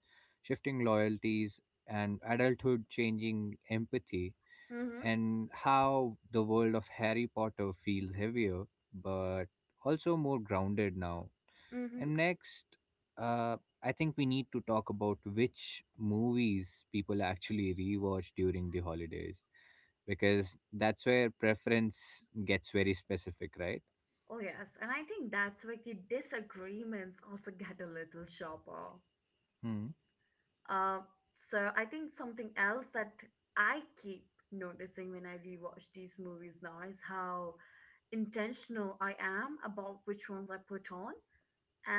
[SPEAKER 2] shifting loyalties and adulthood changing empathy,
[SPEAKER 1] Mm-hmm.
[SPEAKER 2] and how the world of Harry Potter feels heavier but also more grounded now.
[SPEAKER 1] Mm-hmm.
[SPEAKER 2] And next, uh I think we need to talk about which movies people actually rewatch during the holidays, because that's where preference gets very specific, right?
[SPEAKER 1] Oh, yes. And I think that's where the disagreements also get a little sharper.
[SPEAKER 2] Hmm.
[SPEAKER 1] Uh, so I think something else that I keep noticing when I rewatch these movies now is how intentional I am about which ones I put on.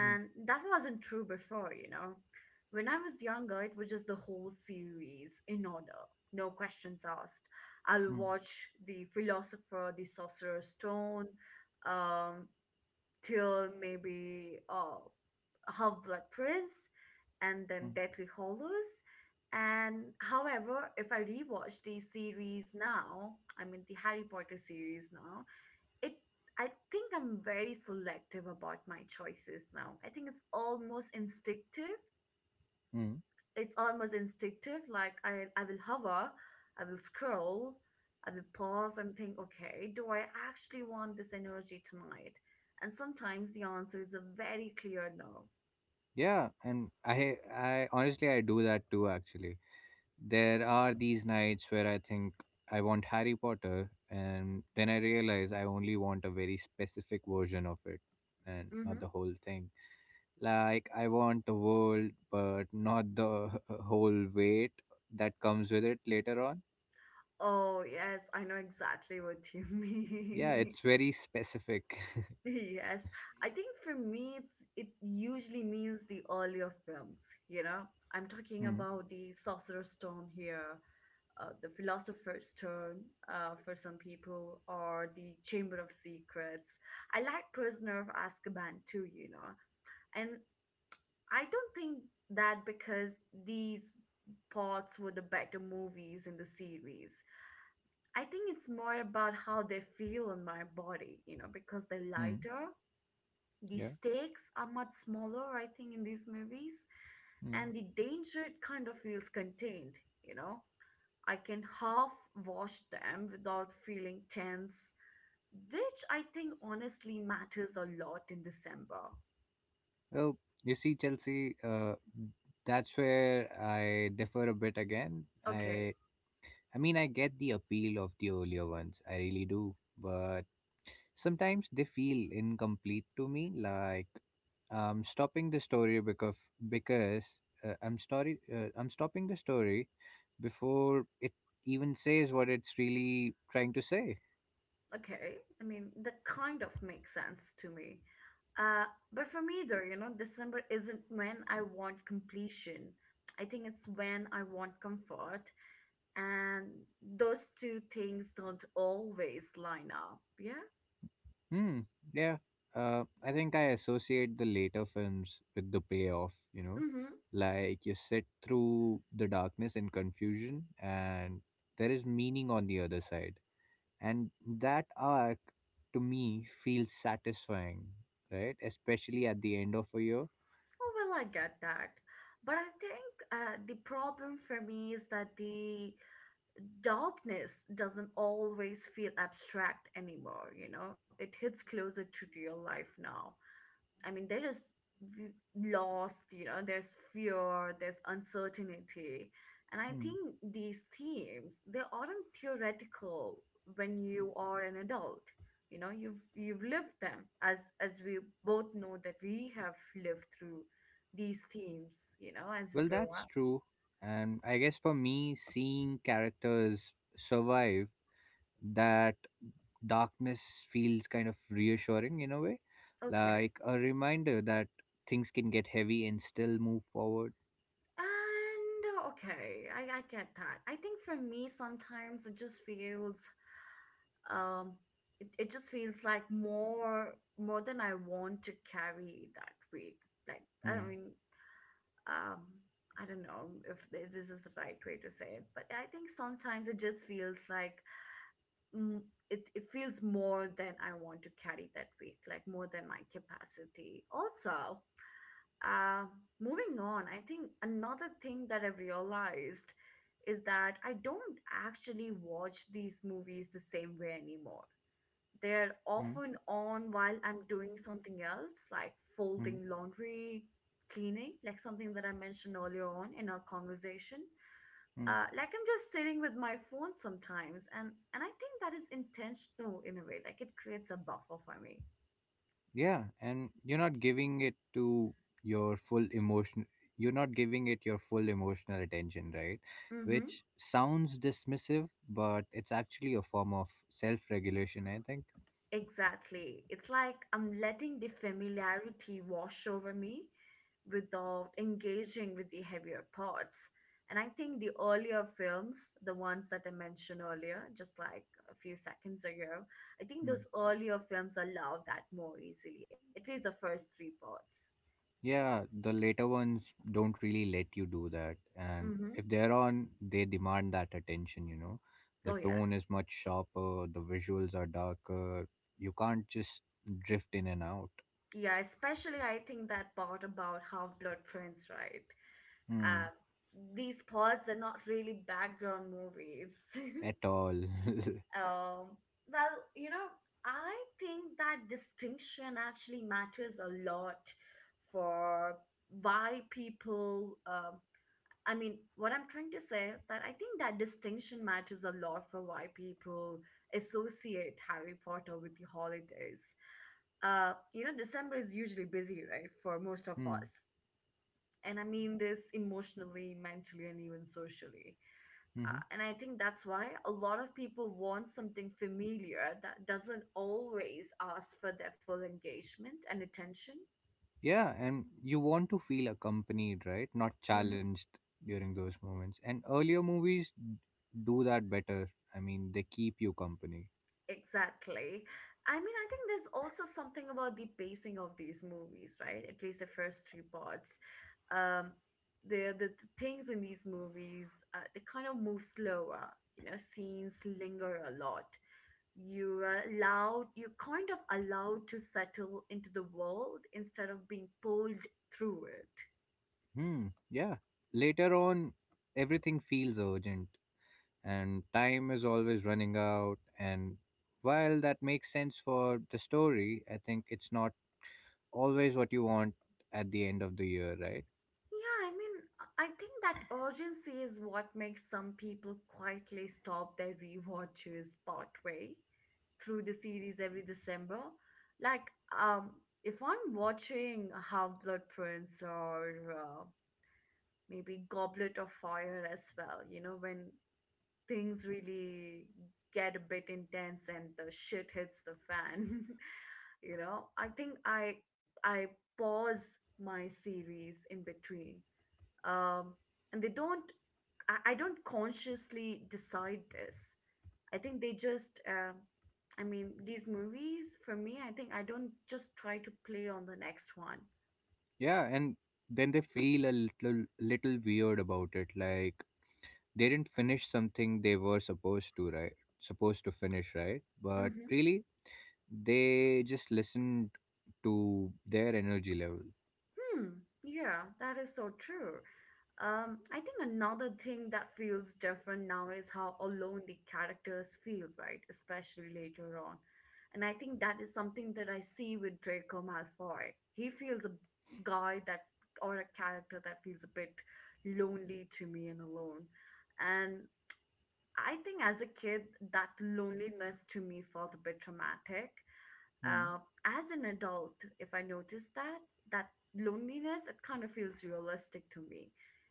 [SPEAKER 2] Hmm.
[SPEAKER 1] that wasn't true before. When I was younger, it was just the whole series in order, no questions asked. I'll
[SPEAKER 2] Hmm.
[SPEAKER 1] watch The Philosopher, The Sorcerer's Stone, um, till maybe Half Blood Prince, and
[SPEAKER 2] Hmm.
[SPEAKER 1] then Deathly Hollows. And however, if I rewatch the series now, I mean the Harry Potter series now, it I think I'm very selective about my choices now. I think it's almost instinctive.
[SPEAKER 2] Hmm.
[SPEAKER 1] It's almost instinctive. Like I will hover, I will scroll, I will pause and think, okay, do I actually want this energy tonight? And sometimes the answer is a very clear no.
[SPEAKER 2] Yeah, and I honestly, I do that too, actually. There are these nights where I think I want Harry Potter, and then I realize I only want a very specific version of it, and not
[SPEAKER 1] Mm-hmm.
[SPEAKER 2] the whole thing. Like I want the world but not the whole weight that comes with it later on.
[SPEAKER 1] Oh, yes, I know exactly what you
[SPEAKER 2] Yeah,
[SPEAKER 1] mean.
[SPEAKER 2] it's very specific.
[SPEAKER 1] Yes, I think for me, it usually means the earlier films. I'm talking
[SPEAKER 2] Hmm.
[SPEAKER 1] about the Sorcerer's Stone here, the Philosopher's Stone, for some people, or the Chamber of Secrets. I like Prisoner of Azkaban too, you know. And I don't think that because these parts were the better movies in the series. I think it's more about how they feel on my body, you know, because they're
[SPEAKER 2] Hmm.
[SPEAKER 1] lighter. The
[SPEAKER 2] Yeah.
[SPEAKER 1] stakes are much smaller, I think, in these movies,
[SPEAKER 2] Mm.
[SPEAKER 1] and the danger, it kind of feels contained, you know. I can half wash them without feeling tense, which I think honestly matters a lot in December.
[SPEAKER 2] Oh, you see, Chelsea, that's where I differ a bit again.
[SPEAKER 1] Okay,
[SPEAKER 2] I mean, I get the appeal of the earlier ones. I really do, but sometimes they feel incomplete to me. Like I'm stopping the story because I'm stopping the story before it even says what it's really trying to say.
[SPEAKER 1] okay. I mean, that kind of makes sense to me. Uh, but for me, though, you know, December isn't when I want completion. I think it's when I want comfort, and those two things don't always line up. Yeah.
[SPEAKER 2] Hmm. Yeah. I think I associate the later films with the payoff, you know,
[SPEAKER 1] Mm-hmm.
[SPEAKER 2] like you sit through the darkness and confusion, and there is meaning on the other side. And that arc to me feels satisfying, right? Especially at the end of a year.
[SPEAKER 1] Oh, well, I get that. But I think the problem for me is that the darkness doesn't always feel abstract anymore, you know? It hits closer to real life now. I mean, there is v- loss, you know, there's fear, there's uncertainty. And I
[SPEAKER 2] Hmm.
[SPEAKER 1] think these themes, they aren't theoretical when you are an adult. You know, you've lived them, as we both know that we have lived through these themes, you know, as we
[SPEAKER 2] Well,
[SPEAKER 1] grow
[SPEAKER 2] that's
[SPEAKER 1] up.
[SPEAKER 2] true. And I guess for me, seeing characters survive that darkness feels kind of reassuring in a way,
[SPEAKER 1] Okay.
[SPEAKER 2] like a reminder that things can get heavy and still move forward.
[SPEAKER 1] And okay, I get that. I think for me sometimes it just feels um it just feels like more than I want to carry that week. Like, I
[SPEAKER 2] Mm,
[SPEAKER 1] mean, um I don't know if this is the right way to say it, but I think sometimes it just feels like mm, it feels more than I want to carry that week, like more than my capacity also. uh, Moving on, I think another thing that I've realized is that I don't actually watch these movies the same way anymore. They're
[SPEAKER 2] mm,
[SPEAKER 1] often on while I'm doing something else, like
[SPEAKER 2] mm,
[SPEAKER 1] folding laundry, cleaning, like something that I mentioned earlier on in our conversation.
[SPEAKER 2] mm.
[SPEAKER 1] Like, I'm just sitting with my phone sometimes, and I think that is intentional in a way. Like, it creates a buffer for me.
[SPEAKER 2] Yeah, and you're not giving it to your full emotion. You're not giving it your full emotional attention, right?
[SPEAKER 1] Mm-hmm.
[SPEAKER 2] Which sounds dismissive, but it's actually a form of self-regulation, I think.
[SPEAKER 1] Exactly. It's like I'm letting the familiarity wash over me without engaging with the heavier parts. And I think the earlier films, the ones that I mentioned earlier, just like a few seconds ago, I think
[SPEAKER 2] Hmm.
[SPEAKER 1] those earlier films allow that more easily, at least the first three parts.
[SPEAKER 2] Yeah, the later ones don't really let you do that. And
[SPEAKER 1] Mm-hmm.
[SPEAKER 2] if they're on, they demand that attention, you know. The
[SPEAKER 1] Oh,
[SPEAKER 2] tone
[SPEAKER 1] yes.
[SPEAKER 2] is much sharper, the visuals are darker. You can't just drift in and out.
[SPEAKER 1] Yeah, especially I think that part about Half Blood Prince, right?
[SPEAKER 2] Hmm.
[SPEAKER 1] Um, these parts are not really background movies.
[SPEAKER 2] At all.
[SPEAKER 1] Um, well, you know, I think that distinction actually matters a lot for why people. I mean, what I'm trying to say is that I think that distinction matters a lot for why people associate Harry Potter with the holidays. You know, December is usually busy, right, for most of
[SPEAKER 2] Hmm.
[SPEAKER 1] us. And I mean this emotionally, mentally, and even socially. uh,
[SPEAKER 2] Hmm.
[SPEAKER 1] and I think that's why a lot of people want something familiar that doesn't always ask for their full engagement and attention.
[SPEAKER 2] Yeah, and you want to feel accompanied, right? Not
[SPEAKER 1] hmm
[SPEAKER 2] challenged during those moments. And earlier movies do that better. I mean, they keep you company.
[SPEAKER 1] Exactly. I mean, I think there's also something about the pacing of these movies, right? At least the first three parts. Um, the things in these movies, they kind of move slower. You know, scenes linger a lot. You're kind of allowed to settle into the world instead of being pulled through it.
[SPEAKER 2] Hmm. Yeah. Later on, everything feels urgent and time is always running out, and while that makes sense for the story, I think it's not always what you want at the end of the year, right?
[SPEAKER 1] Yeah, I mean, I think that urgency is what makes some people quietly stop their rewatches partway through the series every December. Like, um if I'm watching Half Blood Prince, or maybe Goblet of Fire as well, you know, when things really get a bit intense and the shit hits the fan. You know, I think I pause my series in between. um and they don't, I don't consciously decide this. I think they just I mean, these movies for me, I think I don't just try to play on the next one.
[SPEAKER 2] Yeah, and then they feel a little weird about it, like they didn't finish something they were supposed to finish, right, but
[SPEAKER 1] Mm-hmm.
[SPEAKER 2] really they just listened to their energy level.
[SPEAKER 1] Hmm. Yeah, that is so true. I think another thing that feels different now is how alone the characters feel, right? Especially later on. And I think that is something that I see with Draco Malfoy. He feels a guy that, or a character that feels a bit lonely to me and alone. And I think as a kid, that loneliness to me felt a bit traumatic.
[SPEAKER 2] Hmm.
[SPEAKER 1] Uh, as an adult, if I notice that, that loneliness, it kind of feels realistic to me.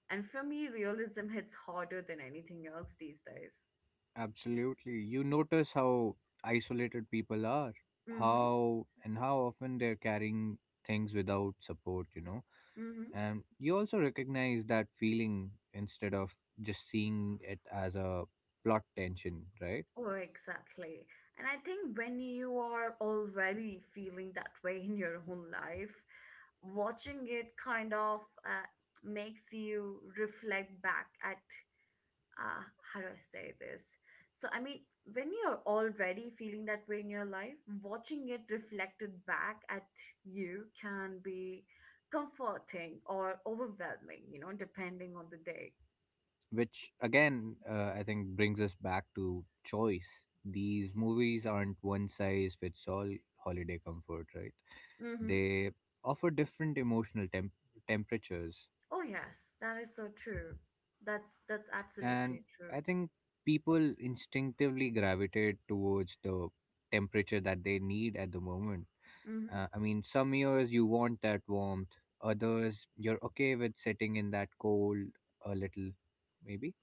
[SPEAKER 1] And for me, realism hits harder than anything else these days.
[SPEAKER 2] Absolutely. You notice how isolated people are,
[SPEAKER 1] Mm-hmm.
[SPEAKER 2] how and how often they're carrying things without support, you know.
[SPEAKER 1] Mm-hmm.
[SPEAKER 2] And you also recognize that feeling instead of just seeing it as a plot tension, right?
[SPEAKER 1] Oh, exactly. And I think when you are already feeling that way in your own life, watching it kind of makes you reflect back at uh, how do I say this? So, I mean, when you're already feeling that way in your life, watching it reflected back at you can be comforting or overwhelming, you know, depending on the day.
[SPEAKER 2] Which again, I think brings us back to choice. These movies aren't one size fits all holiday comfort, right?
[SPEAKER 1] Mm-hmm.
[SPEAKER 2] They offer different emotional temperatures.
[SPEAKER 1] Oh, yes, that is so true. That's
[SPEAKER 2] And
[SPEAKER 1] absolutely true.
[SPEAKER 2] I think people instinctively gravitate towards the temperature that they need at the moment.
[SPEAKER 1] Mm-hmm.
[SPEAKER 2] I mean, some years you want that warmth, others you're okay with sitting in that cold a little, maybe.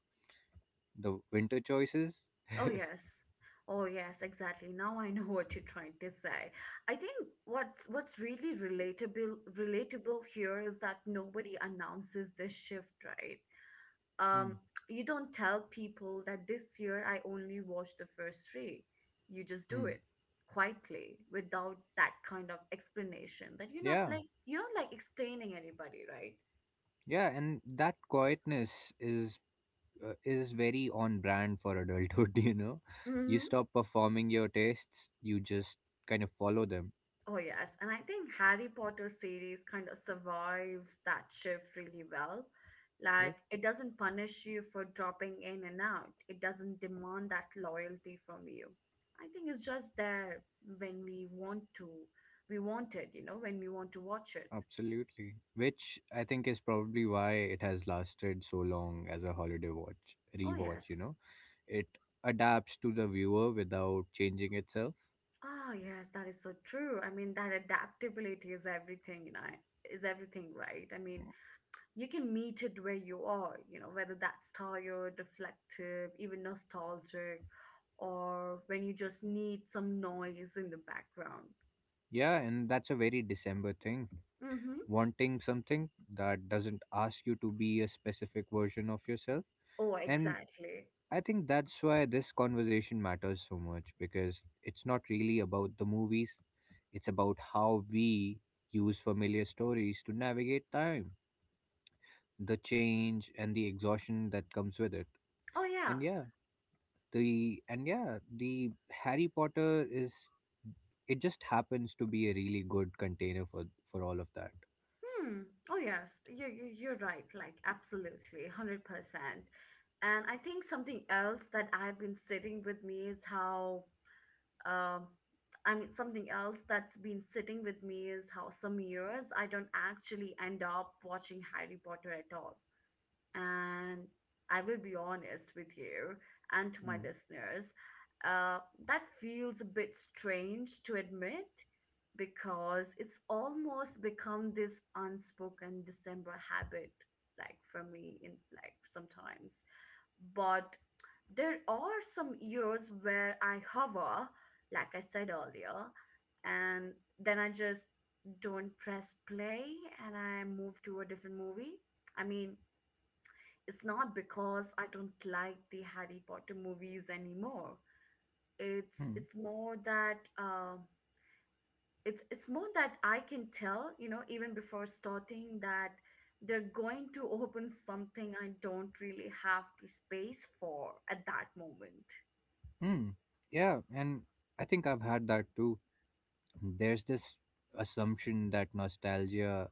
[SPEAKER 2] The winter choices?
[SPEAKER 1] Oh, yes. Oh, yes, exactly. Now I know what you're trying to say. I think what's really relatable here is that nobody announces this shift, right? Um,
[SPEAKER 2] Hmm.
[SPEAKER 1] you don't tell people that this year I only watched the first three. You just do
[SPEAKER 2] Hmm.
[SPEAKER 1] it quietly without that kind of explanation, that you're not
[SPEAKER 2] Yeah,
[SPEAKER 1] like explaining anybody, right?
[SPEAKER 2] yeah, and that quietness is is very on brand for adulthood, you know. You
[SPEAKER 1] Mm-hmm.
[SPEAKER 2] stop performing your tastes, you just kind of follow them.
[SPEAKER 1] Oh yes, and I think Harry Potter series kind of survives that shift really well. Like, it doesn't punish you for dropping in and out. It doesn't demand that loyalty from you. I think it's just there when we want to. We want it, you know, when we want to watch it.
[SPEAKER 2] Absolutely. Which I think is probably why it has lasted so long as a holiday watch,
[SPEAKER 1] Oh
[SPEAKER 2] rewatch, you
[SPEAKER 1] yes.
[SPEAKER 2] know. It adapts to the viewer without changing itself.
[SPEAKER 1] Oh yes, that is so true. I mean, that adaptability is everything, you know, is everything, right? I mean, you can meet it where you are, you know, whether that's tired, reflective, even nostalgic, or when you just need some noise in the background.
[SPEAKER 2] Yeah, and that's a very December thing.
[SPEAKER 1] Mm-hmm.
[SPEAKER 2] Wanting something that doesn't ask you to be a specific version of yourself.
[SPEAKER 1] Oh,
[SPEAKER 2] And
[SPEAKER 1] exactly.
[SPEAKER 2] I think that's why this conversation matters so much, because it's not really about the movies, it's about how we use familiar stories to navigate time, the change and the exhaustion that comes with it.
[SPEAKER 1] Oh, yeah.
[SPEAKER 2] And yeah the and yeah the Harry Potter is, it just happens to be a really good container for all of that.
[SPEAKER 1] Hmm. Oh, yes. You're right. Like, absolutely. 100%. And I think something else that I've been sitting with me is how, um, I mean, something else that's been sitting with me is how some years I don't actually end up watching Harry Potter at all. And I will be honest with you and to my
[SPEAKER 2] Mm,
[SPEAKER 1] listeners. uh, that feels a bit strange to admit because it's almost become this unspoken December habit, like for me, in like sometimes. But there are some years where I hover, like I said earlier, and then I just don't press play and I move to a different movie. I mean, it's not because I don't like the Harry Potter movies anymore. It's
[SPEAKER 2] mm,
[SPEAKER 1] it's more that um, it's more that I can tell, you know, even before starting that they're going to open something I don't really have the space for at that moment.
[SPEAKER 2] mm. Yeah, and I think I've had that too. There's this assumption that nostalgia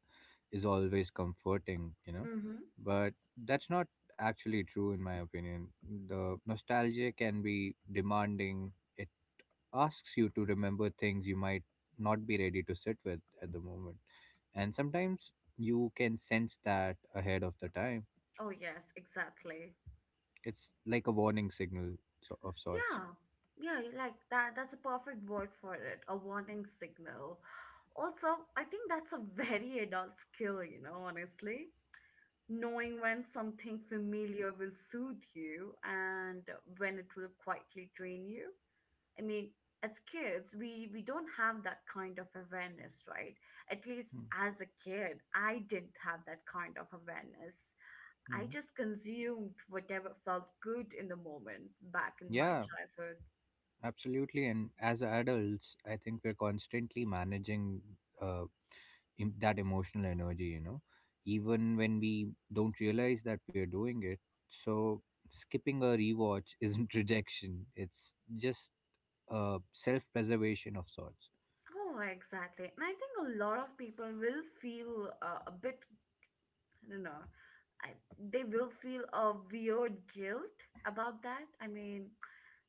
[SPEAKER 2] is always comforting,
[SPEAKER 1] Mm-hmm.
[SPEAKER 2] but that's not actually true, in my opinion. The nostalgia can be demanding. It asks you to remember things you might not be ready to sit with at the moment. And sometimes you can sense that ahead of the time.
[SPEAKER 1] Oh yes, exactly.
[SPEAKER 2] It's like a warning signal, of sorts.
[SPEAKER 1] Yeah. Yeah, you like that, that's a perfect word for it, a warning signal. Also, I think that's a very adult skill, you know, honestly. Knowing when something familiar will soothe you and when it will quietly drain you. I mean, as kids we don't have that kind of awareness, right? At least
[SPEAKER 2] Mm,
[SPEAKER 1] as a kid I didn't have that kind of awareness. I
[SPEAKER 2] mm.
[SPEAKER 1] just consumed whatever felt good in the moment back in my
[SPEAKER 2] Yeah,
[SPEAKER 1] childhood.
[SPEAKER 2] absolutely. And as adults, I think we're constantly managing uh, that emotional energy, you know, even when we don't realize that we are doing it. So skipping a rewatch isn't rejection, it's just self preservation of sorts.
[SPEAKER 1] Oh exactly, and I think a lot of people will feel a bit, I don't know. I, they will feel a weird guilt about that. I mean,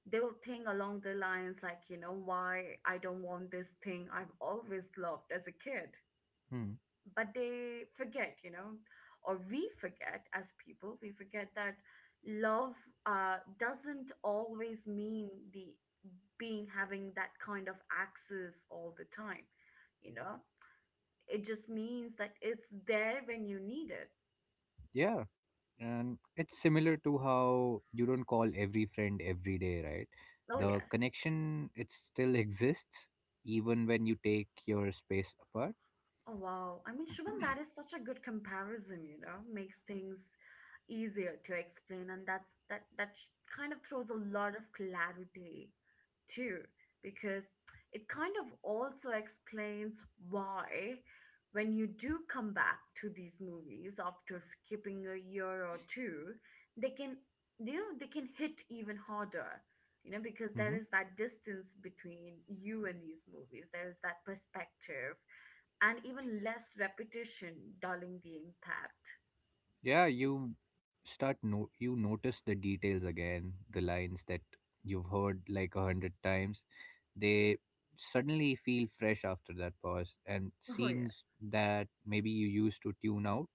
[SPEAKER 1] they will think along the lines like, you know, why I don't want this thing I've always loved as a kid.
[SPEAKER 2] Hmm.
[SPEAKER 1] But they forget, you know, or we forget as people, we forget that love doesn't always mean the being having that kind of access all the time, you know. It just means that it's there when you need it.
[SPEAKER 2] Yeah. And it's similar to how you don't call every friend every day, right?
[SPEAKER 1] Oh,
[SPEAKER 2] The
[SPEAKER 1] yes.
[SPEAKER 2] connection, it still exists even when you take your space apart.
[SPEAKER 1] Oh wow. I mean, Shubham, that is such a good comparison, you know, makes things easier to explain, and that kind of throws a lot of clarity too, because it kind of also explains why when you do come back to these movies after skipping a year or two, they can, you know, they can hit even harder. You know, because there is that distance between you and these movies. There is that perspective and even less repetition, dulling the impact.
[SPEAKER 2] Yeah, you start no you notice the details again, the lines that you've heard like a hundred times. They suddenly feel fresh after that pause, and
[SPEAKER 1] Oh, yeah.
[SPEAKER 2] scenes that maybe you used to tune out,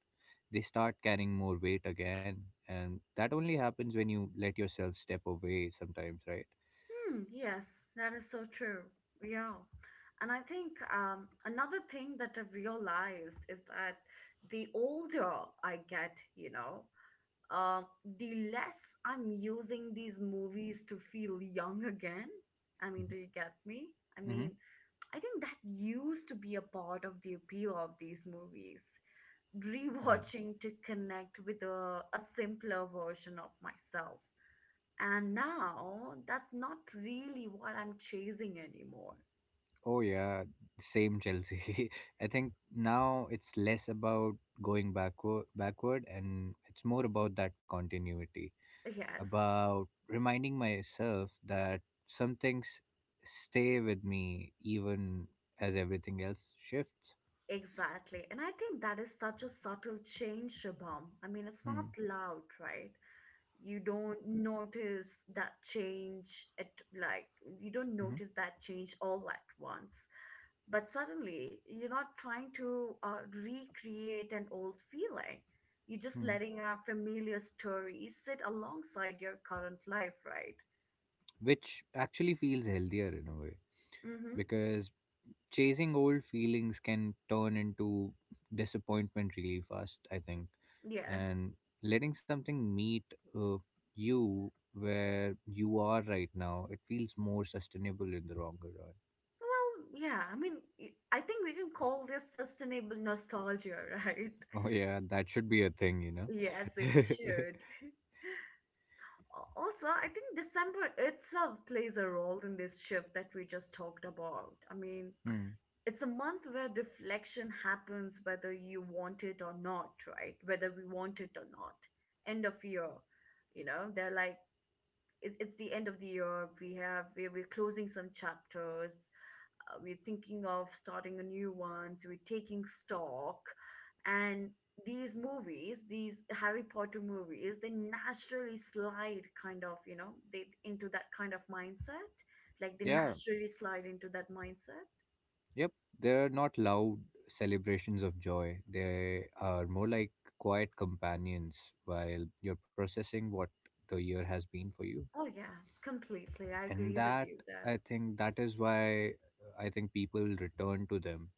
[SPEAKER 2] they start carrying more weight again. And that only happens when you let yourself step away sometimes, right?
[SPEAKER 1] Hmm, yes, that is so true. Yeah. And I think another thing that I've realized is that the older I get, you know, um, the less I'm using these movies to feel young again. I mean,
[SPEAKER 2] Mm-hmm.
[SPEAKER 1] do you get me? I
[SPEAKER 2] Mm-hmm.
[SPEAKER 1] mean, I think that used to be a part of the appeal of these movies.
[SPEAKER 2] Yeah.
[SPEAKER 1] Rewatching to connect with a simpler version of myself. And now that's not really what I'm chasing anymore.
[SPEAKER 2] Oh yeah, same, Chelsea. I think now it's less about going backward and it's more about that continuity,
[SPEAKER 1] Yes,
[SPEAKER 2] about reminding myself that some things stay with me even as everything else shifts.
[SPEAKER 1] exactly. And I think that is such a subtle change, Shabam. I mean, it's not
[SPEAKER 2] Hmm.
[SPEAKER 1] loud, right? You don't notice that change at, like, you don't
[SPEAKER 2] Hmm.
[SPEAKER 1] notice that change all at once, but suddenly you're not trying to recreate an old feeling, you're just
[SPEAKER 2] Hmm.
[SPEAKER 1] letting a familiar story sit alongside your current life, right?
[SPEAKER 2] Which actually feels healthier in a way,
[SPEAKER 1] Mm-hmm.
[SPEAKER 2] because chasing old feelings can turn into disappointment really fast, I think.
[SPEAKER 1] Yeah,
[SPEAKER 2] And letting something meet uh, you where you are right now, it feels more sustainable in the longer run.
[SPEAKER 1] well yeah, I mean, I think we can call this sustainable nostalgia right?
[SPEAKER 2] Oh yeah, that should be a thing, you know.
[SPEAKER 1] Yes it should. Also, I think December itself plays a role in this shift that we just talked about. I mean,
[SPEAKER 2] Hmm.
[SPEAKER 1] it's a month where reflection happens whether you want it or not, right? Whether we want it or not. End of year, you know, they're like, it's the end of the year. We have, we're closing some chapters, we're thinking of starting a new one, so we're taking stock. And these movies, these Harry Potter movies, they naturally slide kind of, you know, they into that kind of mindset. Like they
[SPEAKER 2] Yeah.
[SPEAKER 1] naturally slide into that mindset.
[SPEAKER 2] Yep. They're not loud celebrations of joy, they are more like quiet companions while you're processing what the year has been for you.
[SPEAKER 1] Oh yeah, completely. I
[SPEAKER 2] And
[SPEAKER 1] agree with
[SPEAKER 2] that,
[SPEAKER 1] you there.
[SPEAKER 2] I think that is why I think people return to them,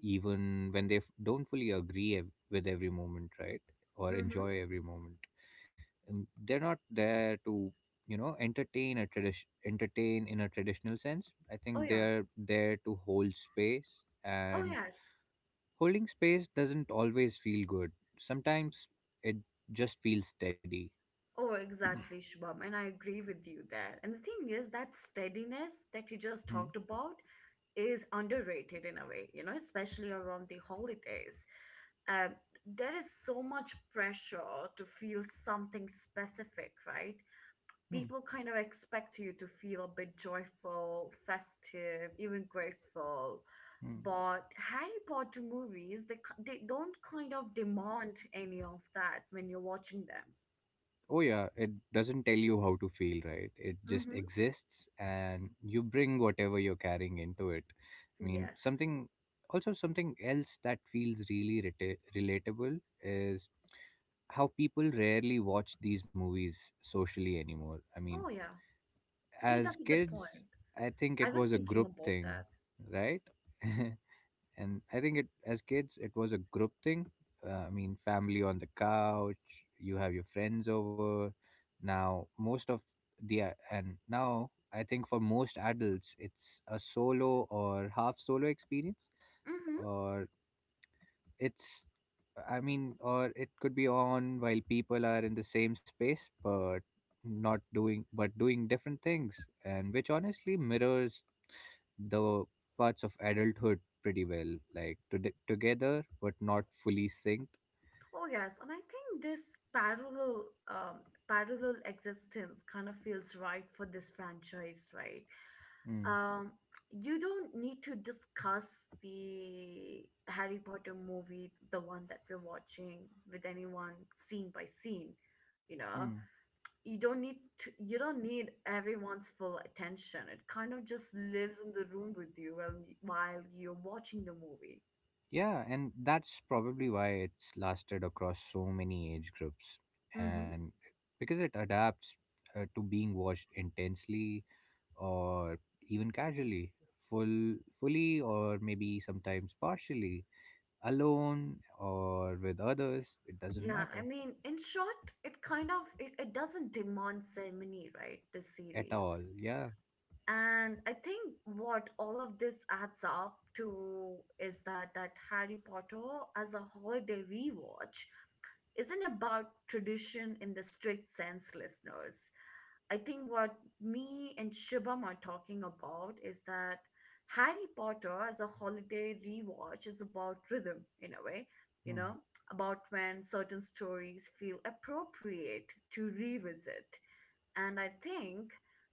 [SPEAKER 2] even when they don't fully agree with every moment, right, or
[SPEAKER 1] Mm-hmm.
[SPEAKER 2] enjoy every moment. And they're not there to entertain in a traditional sense. I
[SPEAKER 1] Oh
[SPEAKER 2] think
[SPEAKER 1] yeah.
[SPEAKER 2] they're there to hold space.
[SPEAKER 1] Oh
[SPEAKER 2] And
[SPEAKER 1] yes.
[SPEAKER 2] holding space doesn't always feel good. Sometimes it just feels steady.
[SPEAKER 1] Oh, exactly, Shubham, and I agree with you there. And the thing is, that steadiness that you just
[SPEAKER 2] Hmm.
[SPEAKER 1] talked about is underrated in a way, you know, especially around the holidays. Uh, there is so much pressure to feel something specific, right?
[SPEAKER 2] Hmm.
[SPEAKER 1] People kind of expect you to feel a bit joyful, festive, even grateful.
[SPEAKER 2] Hmm.
[SPEAKER 1] But Harry Potter movies, they they don't kind of demand any of that when you're watching them.
[SPEAKER 2] Oh yeah, it doesn't tell you how to feel, right? It just
[SPEAKER 1] Mm-hmm.
[SPEAKER 2] exists and you bring whatever you're carrying into it. I mean,
[SPEAKER 1] Yes.
[SPEAKER 2] something else that feels really relatable is how people rarely watch these movies socially anymore. I mean,
[SPEAKER 1] Oh, yeah. Yeah,
[SPEAKER 2] as
[SPEAKER 1] that's a good
[SPEAKER 2] kids,
[SPEAKER 1] point.
[SPEAKER 2] I think
[SPEAKER 1] I
[SPEAKER 2] it
[SPEAKER 1] was
[SPEAKER 2] was a
[SPEAKER 1] thinking
[SPEAKER 2] group
[SPEAKER 1] about
[SPEAKER 2] thing,
[SPEAKER 1] that.
[SPEAKER 2] right? and I think it As kids it was a group thing, I mean, family on the couch, you have your friends over. Now most of the uh, and now I think for most adults it's a solo or half solo experience,
[SPEAKER 1] Mm-hmm.
[SPEAKER 2] or it's, I mean or it could be on while people are in the same space but not doing but doing different things, and which honestly mirrors the parts of adulthood pretty well, like together but not fully synced.
[SPEAKER 1] Oh yes, and I think this parallel parallel existence kind of feels right for this franchise, right?
[SPEAKER 2] Mm.
[SPEAKER 1] Um, you don't need to discuss the Harry Potter movie, the one that we're watching, with anyone scene by scene. You
[SPEAKER 2] Mm.
[SPEAKER 1] know, you don't need to, you don't need everyone's full attention. It kind of just lives in the room with you while you're watching the movie.
[SPEAKER 2] Yeah, and that's probably why it's lasted across so many age groups.
[SPEAKER 1] Mm-hmm.
[SPEAKER 2] And because it adapts, to being watched intensely or even casually, full fully or maybe sometimes partially, alone or with others, it doesn't
[SPEAKER 1] Yeah, I
[SPEAKER 2] matter
[SPEAKER 1] mean, in short, it kind of it doesn't demand ceremony, right? This
[SPEAKER 2] at all.
[SPEAKER 1] series.
[SPEAKER 2] Yeah.
[SPEAKER 1] And I think what all of this adds up to is that Harry Potter as a holiday rewatch isn't about tradition in the strict sense, listeners. I think what me and Shibam are talking about is that Harry Potter as a holiday rewatch is about rhythm in a way, you
[SPEAKER 2] Hmm.
[SPEAKER 1] know, about when certain stories feel appropriate to revisit. And I think,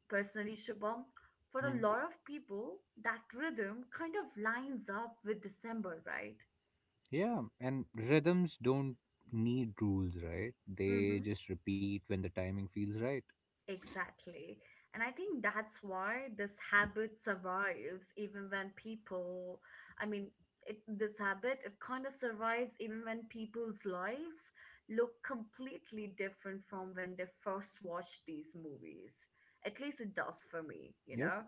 [SPEAKER 1] personally, Shibam, for a lot of people, that rhythm kind of lines up with December, right?
[SPEAKER 2] Yeah, and rhythms don't need rules, right? They just repeat when the timing feels right.
[SPEAKER 1] Exactly. And I think that's why this habit survives even when people, I mean, this habit, it kind of survives even when people's lives look completely different from when they first watched these movies. At least it does for me, you
[SPEAKER 2] Yep.
[SPEAKER 1] know?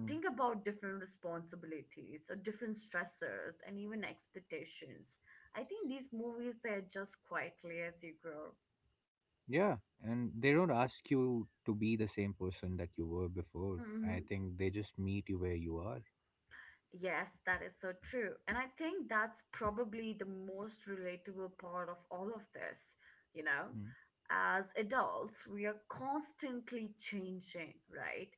[SPEAKER 2] Mm.
[SPEAKER 1] Think about different responsibilities or different stressors and even expectations. I think these movies, they adjust quietly as you grow.
[SPEAKER 2] Yeah, and they don't ask you to be the same person that you were before.
[SPEAKER 1] Mm-hmm.
[SPEAKER 2] I think they just meet you where you are.
[SPEAKER 1] Yes, that is so true. And I think that's probably the most relatable part of all of this. You know,
[SPEAKER 2] Mm.
[SPEAKER 1] as adults, we are constantly changing, right?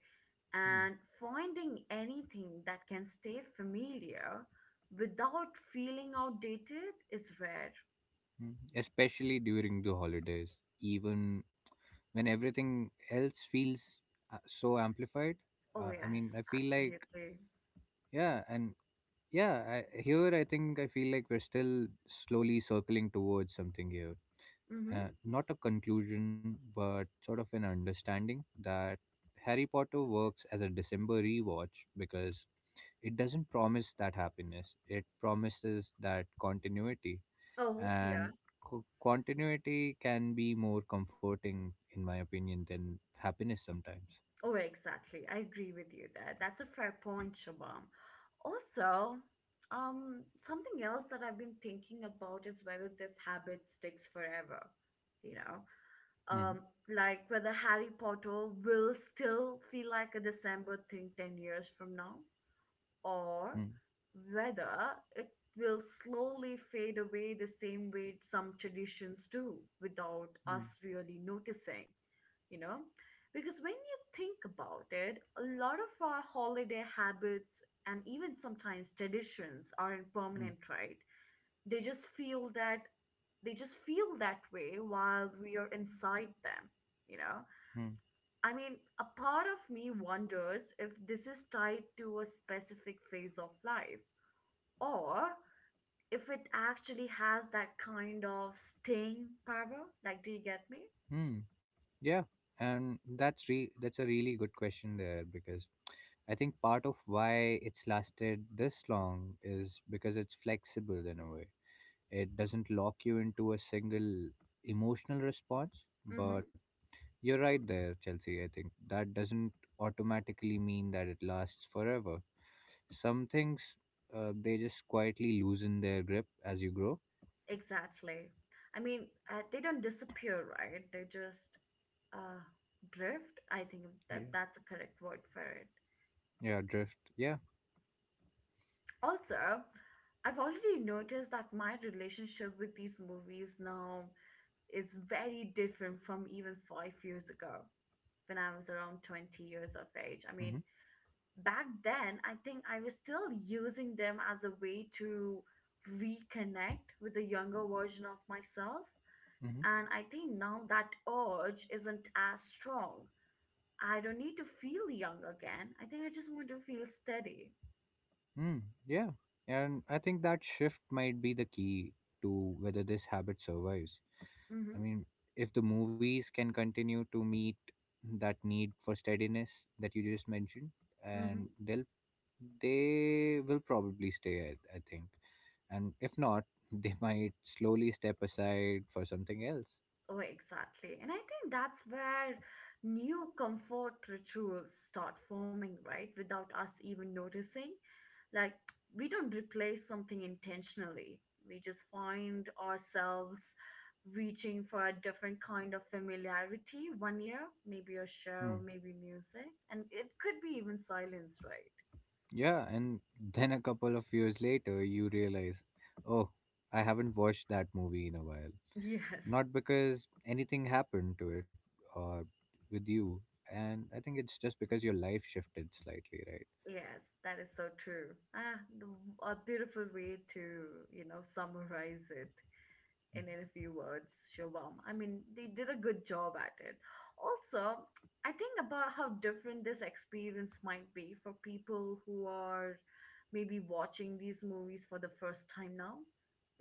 [SPEAKER 2] Mm.
[SPEAKER 1] And finding anything that can stay familiar without feeling outdated is rare.
[SPEAKER 2] Mm. Especially during the holidays, even when everything else feels so amplified.
[SPEAKER 1] Oh,
[SPEAKER 2] I mean,
[SPEAKER 1] yes,
[SPEAKER 2] I feel like,
[SPEAKER 1] absolutely.
[SPEAKER 2] yeah, and yeah, here I think I feel like we're still slowly circling towards something here,
[SPEAKER 1] Mm-hmm.
[SPEAKER 2] not a conclusion, but sort of an understanding that Harry Potter works as a December rewatch because it doesn't promise that happiness, it promises that continuity.
[SPEAKER 1] Oh, yeah.
[SPEAKER 2] And continuity can be more comforting, in my opinion, than happiness sometimes.
[SPEAKER 1] Oh, exactly. I agree with you there. That's a fair point, Shabam. Also, something else that I've been thinking about is whether this habit sticks forever. You know,
[SPEAKER 2] Hmm.
[SPEAKER 1] um, like whether Harry Potter will still feel like a December thing 10 years from now, or
[SPEAKER 2] Hmm.
[SPEAKER 1] whether it will slowly fade away the same way some traditions do without us
[SPEAKER 2] Hmm.
[SPEAKER 1] really noticing, you know? Because when you think about it, a lot of our holiday habits and even sometimes traditions aren't
[SPEAKER 2] Hmm.
[SPEAKER 1] permanent, right? They just feel that they just feel that way while we are inside them, you know?
[SPEAKER 2] Hmm.
[SPEAKER 1] I mean, a part of me wonders if this is tied to a specific phase of life, or if it actually has that kind of staying power. Like, do you get me?
[SPEAKER 2] Hmm. Yeah, and that's re that's a really good question there, because I think part of why it's lasted this long is because it's flexible in a way. It doesn't lock you into a single emotional response,
[SPEAKER 1] Mm-hmm.
[SPEAKER 2] but you're right there, Chelsea. I think that doesn't automatically mean that it lasts forever. Some things, they just quietly loosen their grip as you grow.
[SPEAKER 1] Exactly. I mean, they don't disappear, right? They just uh, drift. I think that
[SPEAKER 2] Yeah.
[SPEAKER 1] that's a correct word for it.
[SPEAKER 2] Yeah, drift. Yeah.
[SPEAKER 1] Also, I've already noticed that my relationship with these movies now is very different from even 5 years ago, when I was around 20 years of age. I mean,
[SPEAKER 2] Mm-hmm.
[SPEAKER 1] back then, I think I was still using them as a way to reconnect with the younger version of myself.
[SPEAKER 2] Mm-hmm.
[SPEAKER 1] And I think now that urge isn't as strong. I don't need to feel young again. I think I just want to feel steady.
[SPEAKER 2] Hmm. Yeah. And I think that shift might be the key to whether this habit survives. I
[SPEAKER 1] Mm-hmm.
[SPEAKER 2] mean, if the movies can continue to meet that need for steadiness that you just mentioned, and
[SPEAKER 1] Mm-hmm.
[SPEAKER 2] they'll they will probably stay, I think. And if not, they might slowly step aside for something else.
[SPEAKER 1] Oh, exactly. And I think that's where new comfort rituals start forming, right? Without us even noticing. Like, we don't replace something intentionally, we just find ourselves reaching for a different kind of familiarity one year, maybe a
[SPEAKER 2] Hmm.
[SPEAKER 1] show, maybe music. And it could be even silence, right?
[SPEAKER 2] Yeah, and then a couple of years later, you realize, oh, I haven't watched that movie in a while.
[SPEAKER 1] Yes.
[SPEAKER 2] Not because anything happened to it or with you. And I think it's just because your life shifted slightly, right?
[SPEAKER 1] Yes, that is so true. Ah, a beautiful way to, you know, summarize it, and in a few words, Shobam. I mean, they did a good job at it. Also, I think about how different this experience might be for people who are maybe watching these movies for the first time now.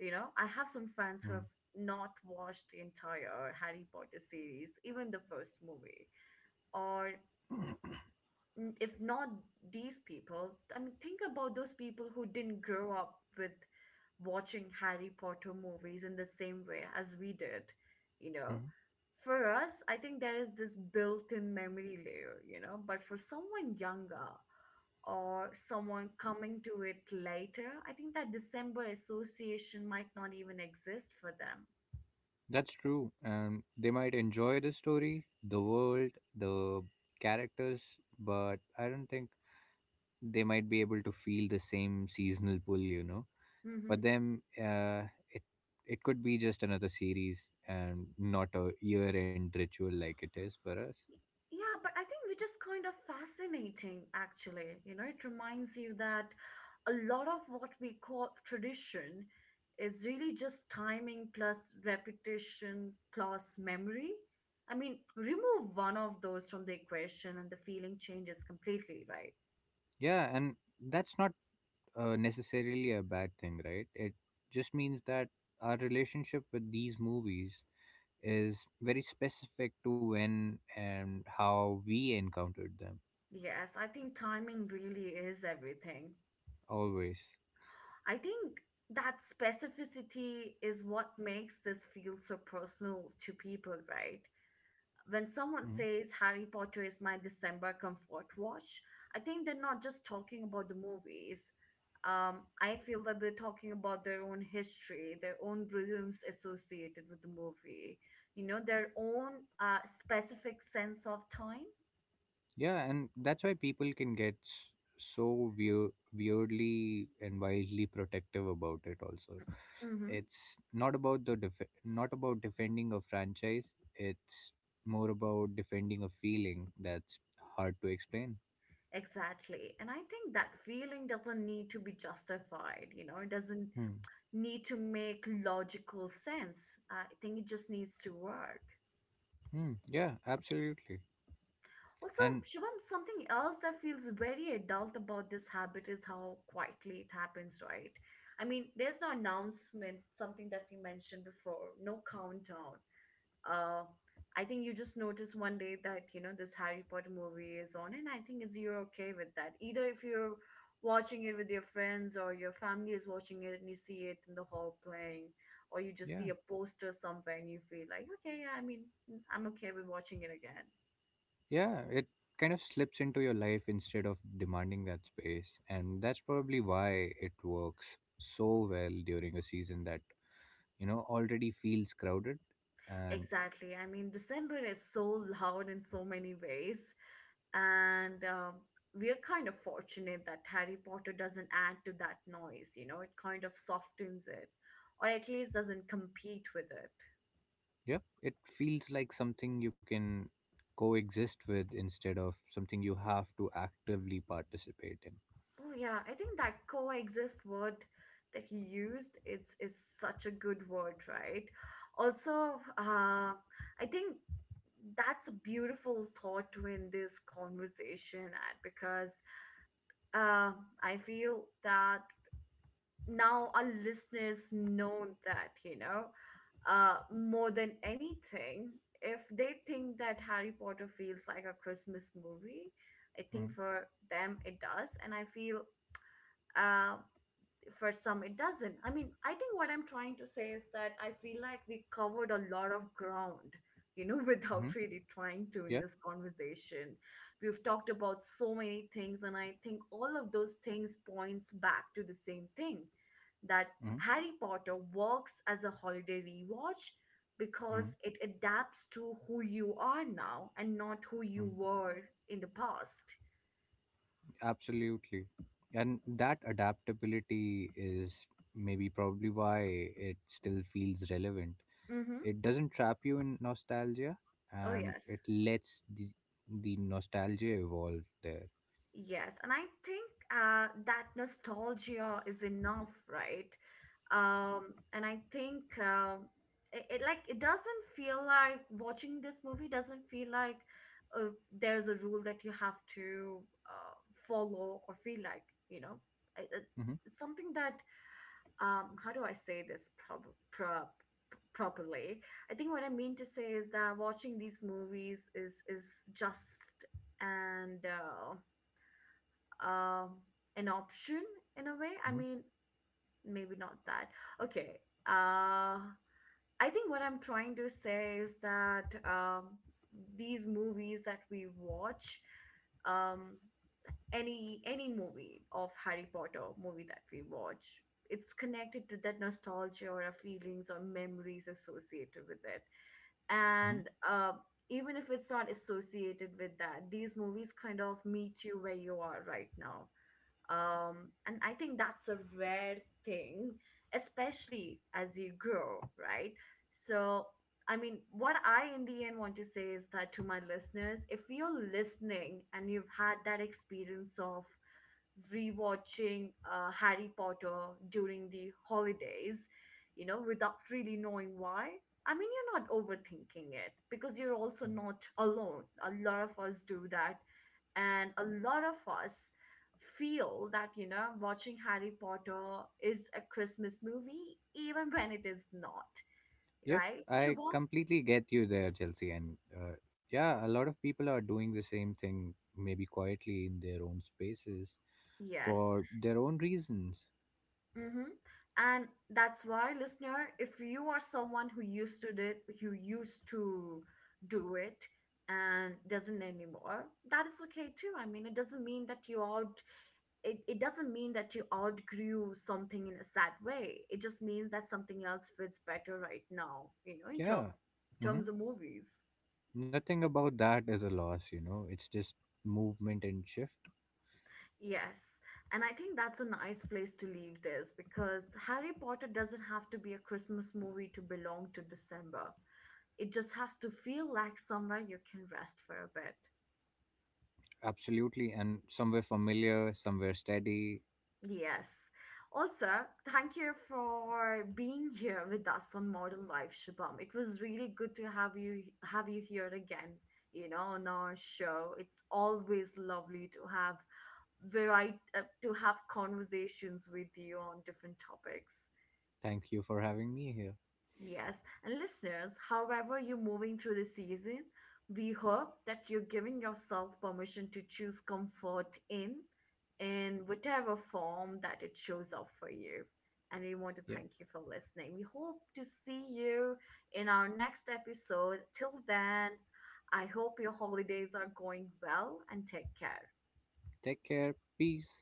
[SPEAKER 1] You know, I have some friends who have
[SPEAKER 2] Mhm.
[SPEAKER 1] not watched the entire Harry Potter series, even the first movie, or if not these people, I mean, think about those people who didn't grow up with watching Harry Potter movies in the same way as we did, you know.
[SPEAKER 2] Mhm.
[SPEAKER 1] For us, I think there is this built in memory layer, you know, but for someone younger or someone coming to it later, I think that December association might not even exist for them.
[SPEAKER 2] That's true. And they might enjoy the story, the world, the characters, but I don't think they might be able to feel the same seasonal pull, you know. For
[SPEAKER 1] Mm-hmm.
[SPEAKER 2] them, it could be just another series and not a year-end ritual like it is for us.
[SPEAKER 1] Yeah, but I think which is kind of fascinating, actually. You know, it reminds you that a lot of what we call tradition is really just timing plus repetition plus memory. I mean, remove one of those from the equation and the feeling changes completely, right?
[SPEAKER 2] Yeah, and that's not necessarily a bad thing, right? It just means that our relationship with these movies is very specific to when and how we encountered them,
[SPEAKER 1] Yes, I think timing really is everything.
[SPEAKER 2] always.
[SPEAKER 1] I think that specificity is what makes this feel so personal to people, right? When someone
[SPEAKER 2] Mhm.
[SPEAKER 1] says Harry Potter is my December comfort watch, I think they're not just talking about the movies. I feel that they're talking about their own history, their own rooms associated with the movie, you know, their own specific sense of time.
[SPEAKER 2] Yeah, and that's why people can get so weirdly and wildly protective about it also.
[SPEAKER 1] Mm-hmm.
[SPEAKER 2] It's not about the def-, not about defending a franchise. It's more about defending a feeling that's hard to explain.
[SPEAKER 1] Exactly. And I think that feeling doesn't need to be justified, you know, it doesn't
[SPEAKER 2] Hmm.
[SPEAKER 1] need to make logical sense. I think it just needs to work.
[SPEAKER 2] Hmm. Yeah, absolutely.
[SPEAKER 1] Also,
[SPEAKER 2] And
[SPEAKER 1] Shubham, something else that feels very adult about this habit is how quietly it happens, right? I mean, there's no announcement, something that we mentioned before, no countdown. Uh, I think you just notice one day that, you know, this Harry Potter movie is on, and I think it's you're okay with that. Either if you're watching it with your friends or your family is watching it and you see it in the hall playing, or you just see
[SPEAKER 2] yeah,
[SPEAKER 1] a poster somewhere and you feel like, okay, yeah, I mean, I'm okay with watching it again.
[SPEAKER 2] yeah, it kind of slips into your life instead of demanding that space. And that's probably why it works so well during a season that, you know, already feels crowded. And
[SPEAKER 1] Exactly. I mean, December is so loud in so many ways, and we are kind of fortunate that Harry Potter doesn't add to that noise. You know, it kind of softens it, or at least doesn't compete with it.
[SPEAKER 2] yep, it feels like something you can coexist with instead of something you have to actively participate in.
[SPEAKER 1] Oh, yeah, I think that coexist word that he used it's is such a good word, right? Also, I think that's a beautiful thought to end this conversation at, because uh, I feel that now our listeners know that, you know, more than anything, if they think that Harry Potter feels like a Christmas movie, I think for them it does. And I feel uh for some it doesn't. I mean, I think what I'm trying to say is that I feel like we covered a lot of ground, without
[SPEAKER 2] Mm-hmm.
[SPEAKER 1] really trying to,
[SPEAKER 2] Yeah.
[SPEAKER 1] in this conversation. We've talked about so many things, and I think all of those things points back to the same thing, that
[SPEAKER 2] Mm-hmm.
[SPEAKER 1] Harry Potter works as a holiday rewatch
[SPEAKER 2] Mm-hmm.
[SPEAKER 1] because it adapts to who you are now and not who you were in the past.
[SPEAKER 2] Absolutely. And that adaptability is maybe probably why it still feels relevant.
[SPEAKER 1] Mm-hmm.
[SPEAKER 2] It doesn't trap you in nostalgia,
[SPEAKER 1] Oh
[SPEAKER 2] and it
[SPEAKER 1] yes.
[SPEAKER 2] lets the nostalgia evolve there.
[SPEAKER 1] Yes, and I think that nostalgia is enough, right? And I think it like it doesn't feel like, watching this movie doesn't feel like uh, there's a rule that you have to uh, follow or feel like, you know I- I-
[SPEAKER 2] Hmm.
[SPEAKER 1] it's something that, how do I say this pro- properly? I think what I mean to say is that watching these movies is just and. Um an option in a way, I
[SPEAKER 2] Hmm.
[SPEAKER 1] mean, maybe not that. Okay, uh I think what I'm trying to say is that, these movies that we watch, um any movie of Harry Potter movie that we watch, it's connected to that nostalgia or our feelings or memories associated with it.
[SPEAKER 2] Hmm.
[SPEAKER 1] And Even if it's not associated with that, these movies kind of meet you where you are right now. And I think that's a rare thing, especially as you grow, right? So, I mean, what I in the end want to say is that, to my listeners, if you're listening and you've had that experience of rewatching Harry Potter during the holidays, you know, without really knowing why. I mean, you're not overthinking it, because you're also not alone. A lot of us do that. And a lot of us feel that, you know, watching Harry Potter is a Christmas movie, even when it is not,
[SPEAKER 2] Yep,
[SPEAKER 1] right?
[SPEAKER 2] I
[SPEAKER 1] Shubham?
[SPEAKER 2] completely get you there, Chelsea. And yeah, a lot of people are doing the same thing, maybe quietly in their own spaces
[SPEAKER 1] Yes.
[SPEAKER 2] for their own reasons.
[SPEAKER 1] Mm-hmm. And that's why, listener, if you are someone who used to do it and doesn't anymore, that is okay too. I mean, it doesn't mean that you out it doesn't mean that you outgrew something in a sad way. It just means that something else fits better right now, you know,
[SPEAKER 2] Yeah. Mm-hmm.
[SPEAKER 1] terms of movies.
[SPEAKER 2] Nothing about that is a loss. It's just movement and shift.
[SPEAKER 1] Yes. And I think that's a nice place to leave this, because Harry Potter doesn't have to be a Christmas movie to belong to December. It just has to feel like somewhere you can rest for a bit.
[SPEAKER 2] Absolutely. And somewhere familiar, somewhere steady.
[SPEAKER 1] Yes. Also, thank you for being here with us on Modern Life, Shubham. It was really good to have you here again, you know, on our show. It's always lovely to have variety, to have conversations with you on different topics.
[SPEAKER 2] Thank you for having me here.
[SPEAKER 1] Yes, and listeners, however you're moving through the season, we hope that you're giving yourself permission to choose comfort in whatever form that it shows up for you. And we want to
[SPEAKER 2] Yeah.
[SPEAKER 1] thank you for listening. We hope to see you in our next episode. Till then, I hope your holidays are going well, and take care.
[SPEAKER 2] Take care. Peace.